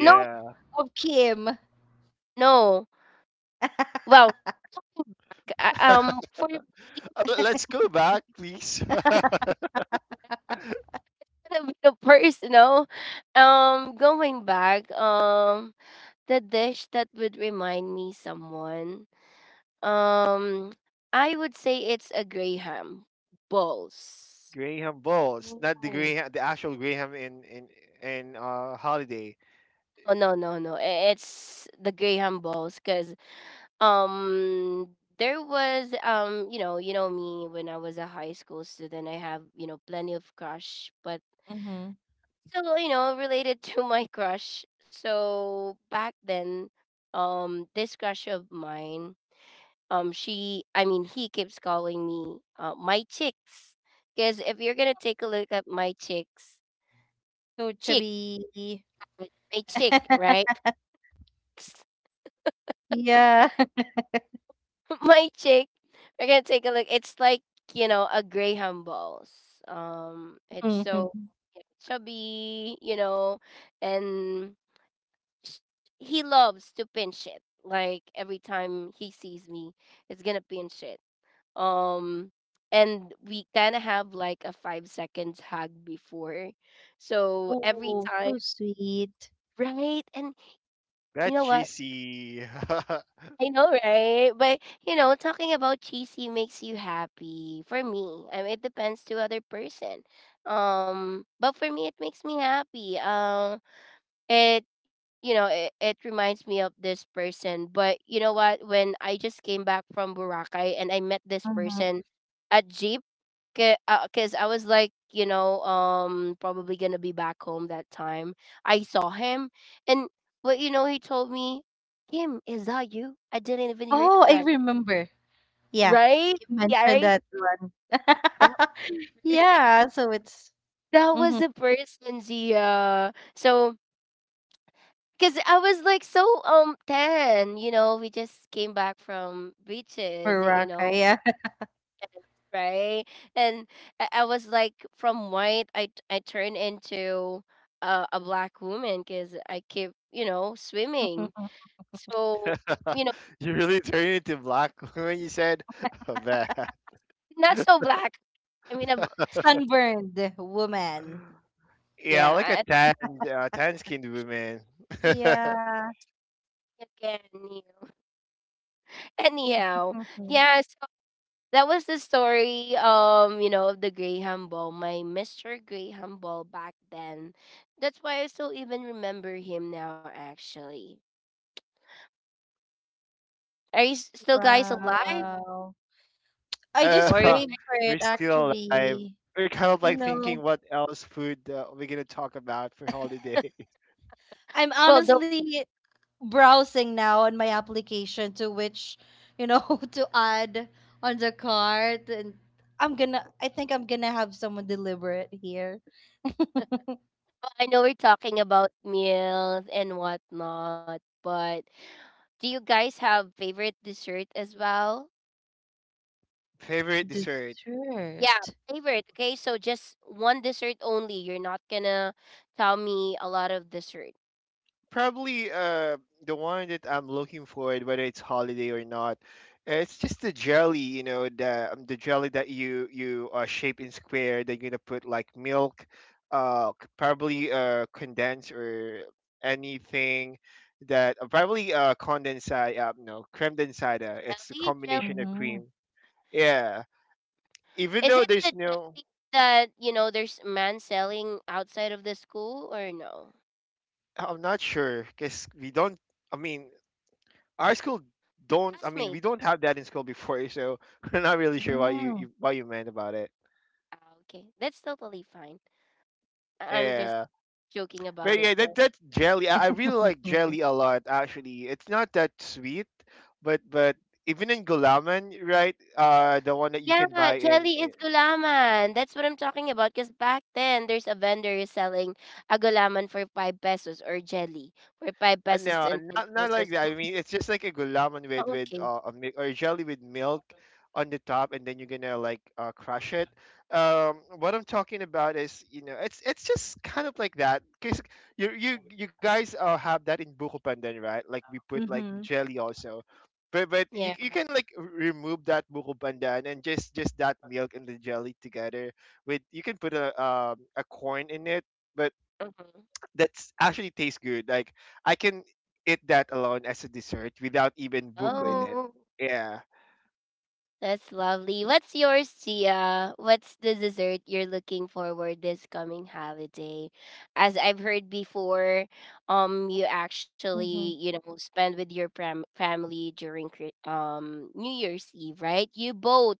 Speaker 1: No,
Speaker 2: Of Kim.
Speaker 1: no. Well,
Speaker 2: [laughs]
Speaker 1: c- uh, um, for [laughs]
Speaker 3: Uh, l- Let's go back, please.
Speaker 1: a bit of personal, [laughs] um, going back, um, the dish that would remind me someone, um, I would say it's a graham
Speaker 3: [laughs]
Speaker 1: balls.
Speaker 3: Graham Balls, not the
Speaker 2: Oh.
Speaker 3: Graham, the actual Graham in, in in uh holiday.
Speaker 1: Oh, no, no, no! i- It's the graham balls, cause um. There was um you know you know me when I was a high school student. I have you know plenty of crush, but
Speaker 2: Mm-hmm.
Speaker 1: so, you know, related to my crush. So back then, um, this crush of mine, um, she, I mean, he keeps calling me uh, my chicks. Because if you're gonna take a look at my chicks,
Speaker 2: So
Speaker 1: chick,
Speaker 2: chubby.
Speaker 1: my chick,
Speaker 2: [laughs]
Speaker 1: right? [laughs]
Speaker 2: Yeah.
Speaker 1: My chick. We're gonna take a look. It's like you know a graham balls. Um, it's
Speaker 2: Mhm.
Speaker 1: so, yeah, chubby, you know, and sh- he loves to pin shit. Like every time he sees me, it's gonna pin shit. Um, and we kind of have like a five seconds hug before, so every
Speaker 2: Oh,
Speaker 1: time,
Speaker 2: so sweet.
Speaker 1: right? And you know
Speaker 3: That
Speaker 1: what?
Speaker 3: cheesy.
Speaker 1: I know, right? But you know, talking about cheesy makes you happy. For me, I mean, it depends to other person. Um, but for me, it makes me happy. Um, it you know it, it reminds me of this person. But you know what, when I just came back from Boracay and I met this
Speaker 2: Hmm.
Speaker 1: person at jeep, because I was like, you know um probably gonna be back home that time. I saw him and, but you know, he told me, "Kim, is that you? I didn't even
Speaker 2: Oh, I
Speaker 1: recognize."
Speaker 2: remember. Yeah,
Speaker 1: Right?
Speaker 2: you
Speaker 1: Yeah,
Speaker 2: mentioned
Speaker 1: right.
Speaker 2: that one.
Speaker 1: That
Speaker 2: [laughs]
Speaker 1: was the person-
Speaker 2: Yeah, so it's
Speaker 1: [laughs] that was
Speaker 2: mm-hmm,
Speaker 1: the person, Zia. So because I was like so um tan, you know, we just came back from beaches, you
Speaker 2: Baraka.
Speaker 1: know,
Speaker 2: Yeah.
Speaker 1: right? And I, I was like from white, I I turned into uh, a black woman because I keep, you know, swimming.
Speaker 2: [laughs]
Speaker 1: So, you know,
Speaker 3: [laughs] You really turned into black [laughs] when you said [laughs] that.
Speaker 1: not so black. I mean, a
Speaker 2: Sunburned woman.
Speaker 3: Yeah,
Speaker 1: yeah,
Speaker 3: like a
Speaker 1: I,
Speaker 3: tan, uh, tan-skinned woman. [laughs]
Speaker 2: Yeah.
Speaker 1: again, you know. [laughs] Anyhow,
Speaker 2: Mhm.
Speaker 1: yeah. So that was the story um you know of the graham ball, my mr graham ball back then. That's why I still even remember him now actually. Are you s- still guys alive
Speaker 2: Wow. I
Speaker 3: Uh,
Speaker 2: just
Speaker 1: or is-
Speaker 3: [laughs]
Speaker 2: crave for it
Speaker 3: we're still alive.
Speaker 2: actually.
Speaker 3: We're kind of
Speaker 1: okay.
Speaker 2: You
Speaker 3: like thinking
Speaker 2: know,
Speaker 3: what else food, uh, we're gonna talk about for holidays. [laughs]
Speaker 2: I'm
Speaker 1: Well no,
Speaker 2: honestly browsing now on my application to which, you know, [laughs] to add on the cart, and I'm gonna I think I'm gonna have someone deliver it here. [laughs]
Speaker 1: I know we're talking about meals and whatnot, but do you guys have favorite dessert as well?
Speaker 3: Favorite dessert?
Speaker 1: Yeah,
Speaker 2: Dessert.
Speaker 1: favorite. Okay, so just one dessert only, you're not gonna tell me a lot of dessert.
Speaker 3: Probably, uh, the one that I'm looking for, whether it's holiday or not. uh, It's just the jelly, you know, the um, the jelly that you you uh, shape in square, that you're gonna put like milk, uh, c- probably, uh condensed, or anything that, uh, probably, uh condensed, uh, no, creme densada. It's a
Speaker 1: Jelly.
Speaker 3: combination of
Speaker 2: Mm-hmm.
Speaker 3: cream. Yeah, even
Speaker 1: Is
Speaker 3: though
Speaker 1: it
Speaker 3: there's
Speaker 1: the
Speaker 3: no...
Speaker 1: jelly that, you know, there's a man selling outside of the school or no?
Speaker 3: I'm not sure, because we don't. I mean, our school don't.
Speaker 1: Classmate.
Speaker 3: I mean, we don't have that in school before, so [laughs] we're not really sure what you,
Speaker 2: Mm-hmm.
Speaker 3: you what you meant about it.
Speaker 1: Ah, okay. That's totally fine. I- I'm just
Speaker 3: Yeah,
Speaker 1: joking
Speaker 3: but
Speaker 1: about it
Speaker 3: yeah, that
Speaker 1: though.
Speaker 3: that's jelly. I, I really like jelly a lot. Actually, it's not that sweet, but but even in gulaman, right? Uh, the one that you can
Speaker 1: Yeah,
Speaker 3: buy
Speaker 1: jelly is
Speaker 3: in.
Speaker 1: gulaman. That's what I'm talking about. Because back then, there's a vendor who's selling a gulaman for five pesos, or jelly for five
Speaker 3: Uh,
Speaker 1: pesos
Speaker 3: no,
Speaker 1: and ten
Speaker 3: not not
Speaker 1: pesos.
Speaker 3: like that. I mean, it's just like a gulaman with
Speaker 1: Oh,
Speaker 3: with
Speaker 1: okay.
Speaker 3: uh, a mi- or jelly with milk on the top, and then you're gonna like, uh, crush it. Um, what I'm talking about is, you know, it's it's just kind of like that. Cause you you you guys, uh, have that in buko pandan, right? Like we put like
Speaker 2: Mm-hmm. [laughs]
Speaker 3: jelly, also, but but
Speaker 1: Yeah.
Speaker 3: you you can, like, r- remove that buko pandan, and just just that milk and the jelly together. With, you can put a, um a corn in it. But
Speaker 1: Mhm.
Speaker 3: that's actually tastes good. Like, I can eat that alone as a dessert without even buko in
Speaker 2: Mm-hmm.
Speaker 3: it.
Speaker 1: Oh,
Speaker 3: Yeah.
Speaker 1: that's lovely. What's yours, Tia? What's the dessert you're looking forward this coming holiday? As I've heard before, um, you actually you know spend with your pram- family during Chri- um New Year's Eve, right? You both,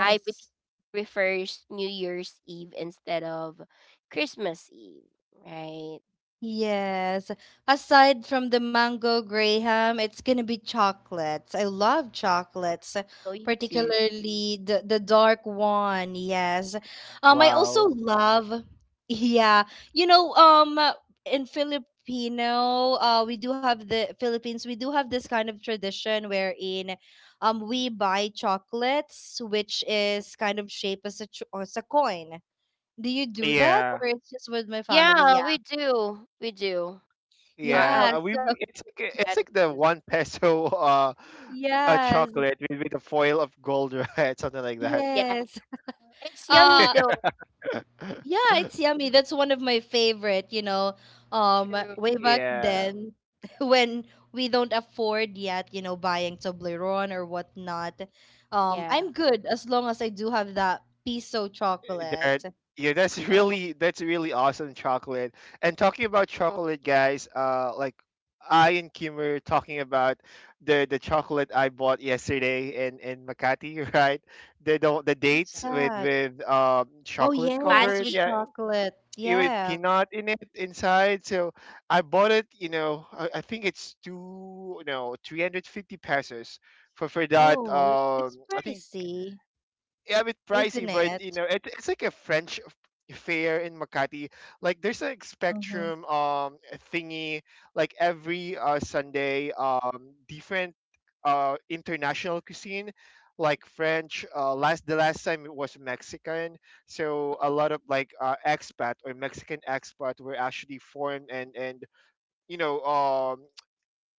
Speaker 1: I believe, prefers New Year's Eve instead of Christmas Eve, right?
Speaker 2: Yes. Aside from the mango graham, it's gonna be chocolates. I love chocolates,
Speaker 1: So you do.
Speaker 2: particularly the the dark one. Yes. Um, I also
Speaker 3: Wow.
Speaker 2: love. [laughs] Yeah, you know, um, uh, in Filipino, uh, we do have the Philippines. We do have this kind of tradition wherein, um, we buy chocolates, which is kind of shaped as a ch- as a coin. Do you do that,
Speaker 3: Yeah.
Speaker 2: or it's just with my family?
Speaker 1: Yeah,
Speaker 2: Yeah.
Speaker 1: we do. We do. I I
Speaker 2: Yeah,
Speaker 3: Yeah. Uh, We
Speaker 2: so
Speaker 3: we- it's like,
Speaker 1: kind of
Speaker 3: it's
Speaker 1: do
Speaker 3: like
Speaker 1: that.
Speaker 3: the one peso [laughs] uh a
Speaker 2: Yes,
Speaker 3: chocolate with, with a foil of gold, [laughs] right? Something like that.
Speaker 1: Yeah,
Speaker 2: yes.
Speaker 1: it's yummy
Speaker 2: Uh
Speaker 1: though.
Speaker 3: [laughs]
Speaker 2: yeah, it's yummy. That's one of my favorite, you know. Um
Speaker 1: True.
Speaker 2: way back
Speaker 3: Yeah.
Speaker 2: then [laughs] when we don't afford yet, you know, buying Toblerone or whatnot. Um
Speaker 1: Yeah.
Speaker 2: I'm good as long as I do have that piso chocolate.
Speaker 3: That, yeah, that's [laughs]
Speaker 1: Oh,
Speaker 3: really, that's really awesome chocolate. And talking about
Speaker 1: oh,
Speaker 3: chocolate, guys, uh like, I and Kim were talking about the the chocolate I bought yesterday in in Makati, [laughs] right? The, the, the
Speaker 2: What's
Speaker 1: yeah.
Speaker 3: dates with,
Speaker 2: that?
Speaker 3: with um
Speaker 2: Oh
Speaker 3: chocolate
Speaker 2: yes,
Speaker 3: covered
Speaker 2: with
Speaker 1: Pancake.
Speaker 3: yeah,
Speaker 2: chocolate.
Speaker 3: it with
Speaker 2: Yeah.
Speaker 3: peanut in it, inside. So I bought it, you know i, I think it's two, no, three hundred fifty pesos for for that,
Speaker 2: Oh, it, it's
Speaker 3: um I think.
Speaker 2: pricey,
Speaker 3: Yeah, a bit
Speaker 2: isn't
Speaker 3: pricey, but you
Speaker 2: it?
Speaker 3: know, it, it's like a French f- fair in Makati. Like there's a
Speaker 2: Mm-hmm.
Speaker 3: Spectrum um thingy, like every uh Sunday, um different uh international cuisine, like French. Uh, last the last time it was Mexican, so a lot of like, uh, expat, or Mexican expat, were actually foreign, and and you know um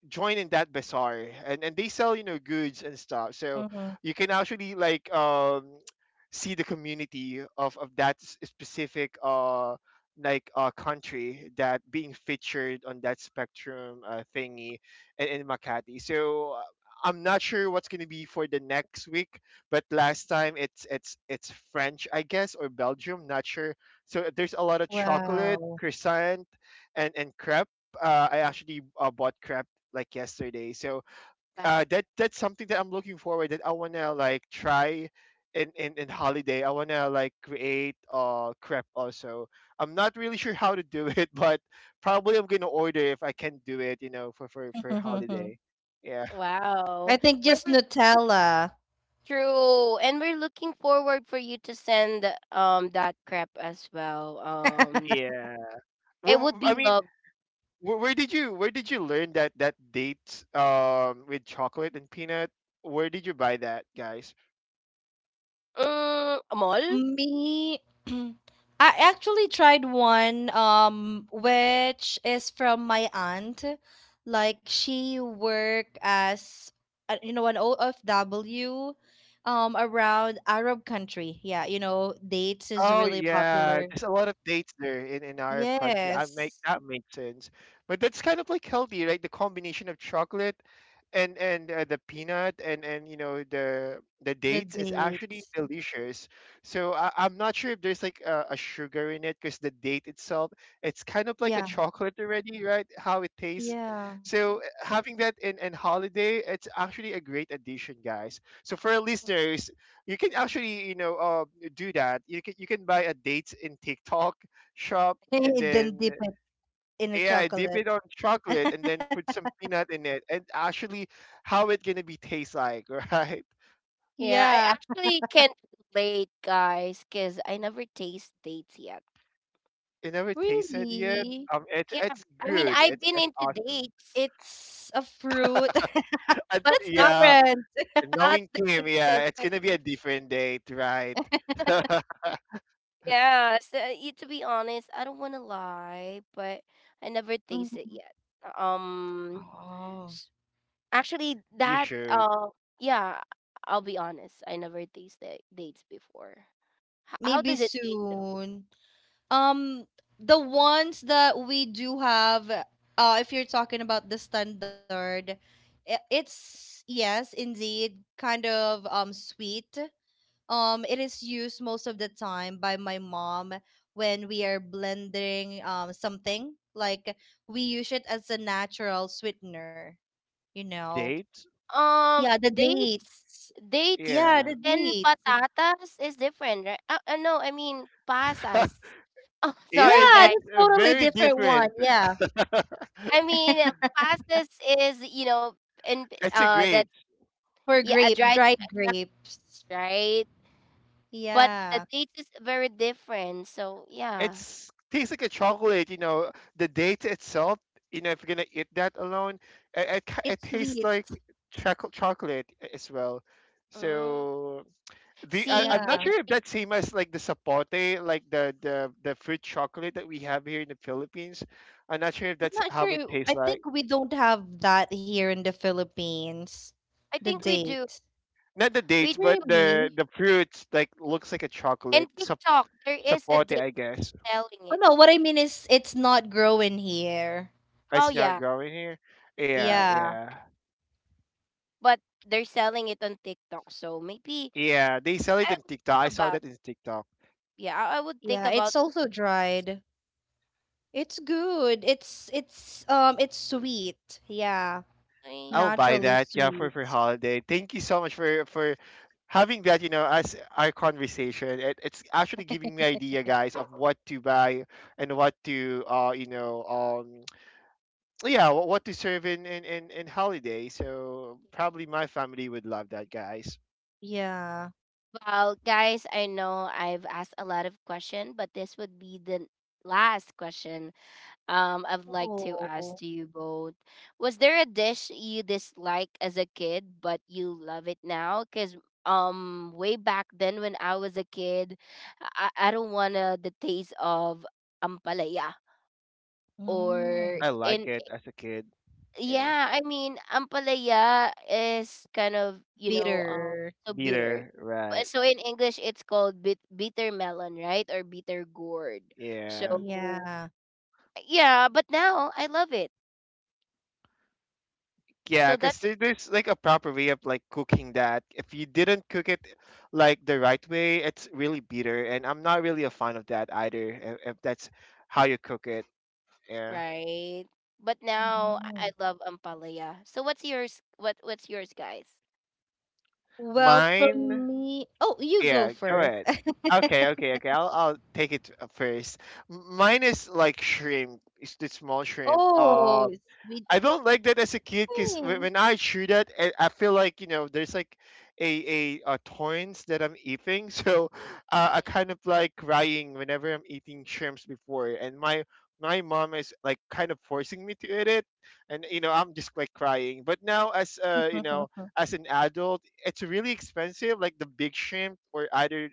Speaker 3: join in that bazaar, and, and they sell, you know goods and stuff. So
Speaker 2: Mm-hmm.
Speaker 3: you can actually, like, um see the community of of that s- specific, uh like, uh country that being featured on that spectrum, uh, thingy in, in Makati. So, uh, I'm not sure what's going to be for the next week, but last time it's, it's it's French, I guess, or Belgium, not sure. So there's a lot of chocolate
Speaker 2: Wow.
Speaker 3: croissant, and and crepes. uh, I actually, uh, bought crab like yesterday. So,
Speaker 1: Wow.
Speaker 3: uh, that that's something that I'm looking forward, that I wanna like try in, in, in holiday. I wanna like create, uh crepe, also. I'm not really sure how to do [laughs] it, but probably I'm gonna order if I can do it. You know, for for for
Speaker 2: [laughs]
Speaker 3: holiday. Yeah,
Speaker 1: Wow.
Speaker 2: I think
Speaker 1: We're,
Speaker 2: just
Speaker 1: we're
Speaker 2: Nutella.
Speaker 1: true. And we're looking forward for you to send um that crap as well. Um,
Speaker 3: yeah.
Speaker 1: it would
Speaker 3: Well, I
Speaker 1: be
Speaker 3: mean,
Speaker 1: love.
Speaker 3: where, where did you where did you learn that that date, um with chocolate and peanut? Where did you buy that, guys?
Speaker 1: Mm, a mall?
Speaker 2: Me, [clears throat] I actually tried one um which is from my aunt. Like she worked as uh, you know an O F W um around Arab country. Yeah, you know, dates is
Speaker 3: Oh,
Speaker 2: really
Speaker 3: yeah,
Speaker 2: popular.
Speaker 3: there's a lot of dates there in in our country. I make
Speaker 2: Yes,
Speaker 3: that makes sense, but that's kind of like healthy, right? The combination of chocolate, and and uh, the peanut, and and you know the the
Speaker 2: the
Speaker 3: dates, is
Speaker 2: dates.
Speaker 3: actually delicious. So, I, I'm not sure if there's like a, a sugar in it, because the date itself, it's kind of like a
Speaker 2: Yeah,
Speaker 3: chocolate already, right? How it tastes.
Speaker 2: yeah.
Speaker 3: So, uh, having that in in holiday, it's actually a great addition, guys. So for our listeners, you can actually, you know uh, do that. You can you can buy a date in TikTok shop, and
Speaker 2: [laughs] Then
Speaker 3: then,
Speaker 2: dip it in a
Speaker 3: yeah, dip
Speaker 2: chocolate.
Speaker 3: it on chocolate, and then put some peanut in it, and actually, how it gonna be taste like, [laughs] right?
Speaker 1: Yeah, I
Speaker 2: Yeah,
Speaker 1: actually can't relate, guys, because I never taste dates yet.
Speaker 3: It never tasted yet,
Speaker 2: really.
Speaker 3: um it's
Speaker 1: Yeah.
Speaker 3: it's
Speaker 1: I mean,
Speaker 3: good,
Speaker 1: I've
Speaker 3: it's
Speaker 1: been
Speaker 3: it's
Speaker 1: into
Speaker 3: awesome.
Speaker 1: dates,
Speaker 2: It's a fruit. [laughs]
Speaker 1: but
Speaker 3: And,
Speaker 2: That's
Speaker 1: not the
Speaker 3: yeah,
Speaker 2: different.
Speaker 1: not
Speaker 3: knowing
Speaker 1: the
Speaker 3: Kim,
Speaker 1: dates
Speaker 3: yeah,
Speaker 1: of.
Speaker 3: it's gonna be a different date, right? [laughs]
Speaker 1: Yeah, so uh, y- to be honest, I don't want to lie, but I never taste it
Speaker 2: Mhm.
Speaker 1: yet. Um,
Speaker 2: Oh.
Speaker 1: s- Actually,
Speaker 3: You
Speaker 1: that
Speaker 3: should
Speaker 1: uh, yeah, I'll be honest, I never tasted dates before. H- how
Speaker 2: Maybe
Speaker 1: does it taste though?
Speaker 2: soon. Um, the ones that we do have, uh, if you're talking about the standard, i- it's yes, indeed, kind of um sweet. Um, it is used most of the time by my mom when we are blending um something. Like we use it as a natural sweetener, you know.
Speaker 3: date,
Speaker 2: Yeah,
Speaker 1: Um,
Speaker 2: the
Speaker 1: dates,
Speaker 2: dates.
Speaker 1: dates
Speaker 2: Yeah,
Speaker 3: yeah.
Speaker 2: the
Speaker 1: and
Speaker 2: dates.
Speaker 1: patatas is different, right? Uh, uh, no, I mean pasas. [laughs]
Speaker 3: [laughs]
Speaker 1: Oh,
Speaker 2: Yeah,
Speaker 3: Yeah,
Speaker 1: sorry,
Speaker 3: it,
Speaker 2: that's
Speaker 1: guys.
Speaker 3: it's uh,
Speaker 2: totally
Speaker 3: very
Speaker 2: different one.
Speaker 3: different.
Speaker 2: Yeah.
Speaker 1: I mean uh,
Speaker 2: [laughs]
Speaker 1: pasas is you know in
Speaker 3: It's a
Speaker 1: uh the
Speaker 3: grape.
Speaker 2: For
Speaker 1: yeah, a
Speaker 2: grape,
Speaker 1: dried, a
Speaker 2: dried
Speaker 1: dried
Speaker 2: grapes.
Speaker 1: peach, right? But the
Speaker 2: Yeah.
Speaker 1: date is very different. So yeah.
Speaker 3: It's tastes like a chocolate, you know. The date itself, you know, if you're gonna eat that alone, it it, ki-
Speaker 2: It's
Speaker 3: it tastes
Speaker 2: sweet.
Speaker 3: like choco- chocolate, as well.
Speaker 1: Mm.
Speaker 3: So the I,
Speaker 1: See,
Speaker 3: I'm
Speaker 1: I,
Speaker 3: not
Speaker 2: Yeah.
Speaker 1: know
Speaker 3: sure if
Speaker 1: it-
Speaker 3: that's same as like the sapote, like the the the fruit chocolate that we have here in the Philippines. I'm not sure if
Speaker 2: I'm
Speaker 3: that's
Speaker 2: not
Speaker 3: how
Speaker 2: sure.
Speaker 3: it
Speaker 2: You- I
Speaker 3: tastes like.
Speaker 2: think we don't have that here in the Philippines.
Speaker 1: I think
Speaker 2: The
Speaker 1: we do.
Speaker 2: date.
Speaker 3: Not the
Speaker 1: We
Speaker 3: dates, but
Speaker 2: Really?
Speaker 3: the the fruit, like, looks like a
Speaker 1: and
Speaker 3: chocolate. Sap-
Speaker 1: TikTok, there is a
Speaker 3: Sapote,
Speaker 1: date
Speaker 3: I guess.
Speaker 1: selling
Speaker 2: Oh
Speaker 1: it.
Speaker 2: no, what I mean is it's not growing here.
Speaker 1: Oh
Speaker 3: It's not
Speaker 1: yeah,
Speaker 3: growing here.
Speaker 1: yeah.
Speaker 3: Yeah,
Speaker 2: Yeah.
Speaker 3: yeah.
Speaker 1: But they're selling it on TikTok, so maybe
Speaker 3: Yeah, they sell it
Speaker 1: I
Speaker 3: in
Speaker 1: would
Speaker 3: TikTok.
Speaker 1: think
Speaker 3: I saw
Speaker 1: about.
Speaker 3: that in TikTok.
Speaker 1: Yeah, I, I would
Speaker 2: Yeah,
Speaker 1: think
Speaker 2: it's
Speaker 1: about.
Speaker 2: also dried. It's good. It's it's um it's sweet. Yeah.
Speaker 1: Eh,
Speaker 3: I'll buy
Speaker 2: Naturally
Speaker 3: that. Yeah, for for
Speaker 2: sweet.
Speaker 3: holiday. Thank you so much for for having that. You know, as our conversation, it, it's actually giving me idea, guys, of what to buy, and what to, uh you know um [tsk] yeah, wh- what to serve in, in in, in holiday. So probably my family would love that, guys.
Speaker 2: Yeah.
Speaker 1: well, guys, I know I've asked a lot of questions, but this would be the last question. Um, I'd like to ask
Speaker 2: Oh.
Speaker 1: to you both: was there a dish you disliked as a kid but you love it now? Because um, way back then when I was a kid, I, I don't wanna the taste of ampalaya or
Speaker 2: Mm.
Speaker 3: I like
Speaker 1: in
Speaker 3: it as a kid. Yeah.
Speaker 1: yeah. I mean, ampalaya is kind of you know um
Speaker 2: Bitter.
Speaker 1: so bitter.
Speaker 3: Bitter, right?
Speaker 1: But so in English, it's called bit- bitter melon, right, or bitter gourd. So
Speaker 3: Yeah.
Speaker 2: Yeah.
Speaker 1: yeah, but now I love it.
Speaker 3: Yeah,
Speaker 1: So that's
Speaker 3: because there's like a proper way of like cooking that. If you didn't cook it like the right way, it's really bitter, and I'm not really a fan of that either. If, if that's how you cook it, yeah.
Speaker 1: right. But now I I
Speaker 2: Mhm.
Speaker 1: love ampalaya. So what's yours? What what's yours, guys?
Speaker 2: Well,
Speaker 3: Mine,
Speaker 2: from me, oh, you go
Speaker 3: yeah. Go
Speaker 2: first.
Speaker 3: ahead.
Speaker 2: [laughs]
Speaker 3: Okay, okay, okay. I'll I'll take it, uh, first. M- Mine is like shrimp. It's the small shrimp. uh,
Speaker 2: Oh, sweet
Speaker 3: I don't like that as a kid, because
Speaker 2: thing.
Speaker 3: when I chew that, I I feel like, you know there's like a a, a thorns that I'm eating, [laughs] so, uh, I kind of like crying whenever I'm eating shrimps before, and my my mom is like kind of forcing me to eat it, and you know
Speaker 1: Mm,
Speaker 3: I'm just like crying. But now as, uh you know
Speaker 2: [laughs]
Speaker 3: as an adult, it's really expensive, like the big shrimp or either.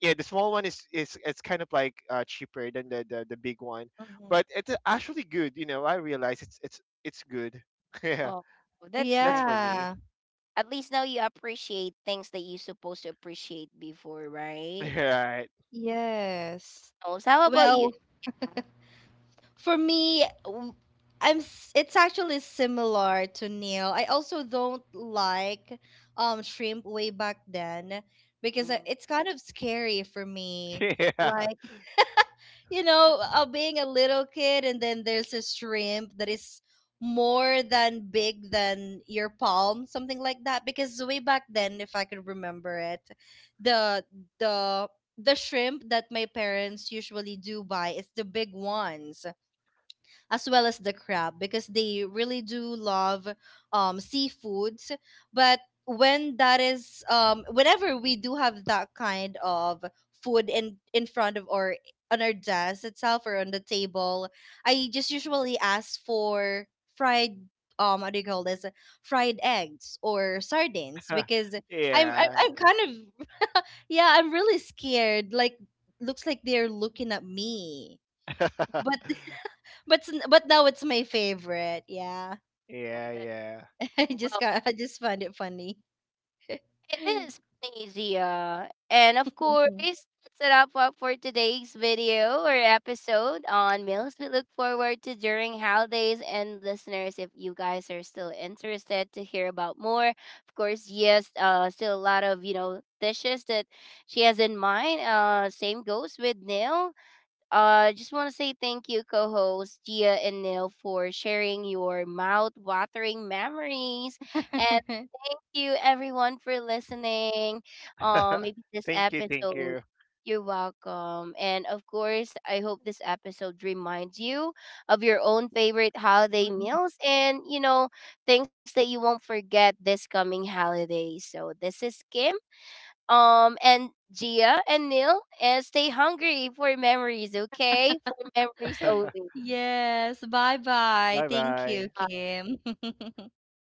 Speaker 3: Yeah, the small one is, is it's kind of like, uh, cheaper than the, the, the big one,
Speaker 2: Mhm.
Speaker 3: but it's actually good. You know, I realize it's it's it's good. [laughs] Yeah,
Speaker 1: oh, that's
Speaker 3: that's
Speaker 1: nice.
Speaker 3: for me.
Speaker 2: Yeah.
Speaker 3: [laughs]
Speaker 1: At least now you appreciate things that you supposed to appreciate before, right?
Speaker 3: Right.
Speaker 2: Yes.
Speaker 1: Oh, so how about you?
Speaker 2: Well, for me, w- I'm s- it's actually similar to Neil. I also don't like um shrimp way back then, because uh,
Speaker 1: Mm,
Speaker 2: it's kind of scary for me.
Speaker 3: [laughs] Yeah.
Speaker 2: Like, you know, uh, being a little kid and then there's a shrimp that is more than big than your palm, something like that. Because way back then, if I could remember it, the the the shrimp that my parents usually do buy is the big ones, as well as the crab, because they really do love um seafoods. But when that is um whenever we do have that kind of food in in front of or on our desk itself or on the table, I just usually ask for fried, um what do you call this, fried eggs or sardines,
Speaker 3: [laughs]
Speaker 2: because i'm i'm,
Speaker 3: Yeah.
Speaker 2: I'm kind of yeah, I'm really scared, like, looks like they're looking at me. But
Speaker 3: [laughs]
Speaker 2: but s- but now it's my favorite. Yeah,
Speaker 1: well,
Speaker 3: Yeah,
Speaker 1: that's,
Speaker 3: yeah.
Speaker 2: [laughs] I just
Speaker 1: well,
Speaker 2: got I just find it funny.
Speaker 1: it is easy, Polynesia. And of course,
Speaker 2: Mhm.
Speaker 1: that's a wrap up for today's video or episode on meals we look forward to during holidays. And listeners, if you guys are still interested to hear about more, of course, yes, uh, still a lot of, you know, dishes that she has in mind. Uh, same goes with Neil. Uh, just want to say thank you, co-hosts Gia and Neil, for sharing your mouth-watering memories, and
Speaker 2: [laughs]
Speaker 1: thank you everyone for listening. Um,
Speaker 3: [laughs]
Speaker 1: maybe this
Speaker 3: Thank you, thank
Speaker 1: episode,
Speaker 3: you.
Speaker 1: you're welcome, and of course, I hope this episode reminds you of your own favorite holiday meals and you know things that you won't forget this coming holiday. So this is Kim um and Gia and Neil, and stay hungry for memories, okay? For memories only.
Speaker 2: Yes. Bye
Speaker 3: [laughs]
Speaker 2: bye.
Speaker 3: Bye
Speaker 2: Thank you,
Speaker 3: bye.
Speaker 2: Kim. [laughs]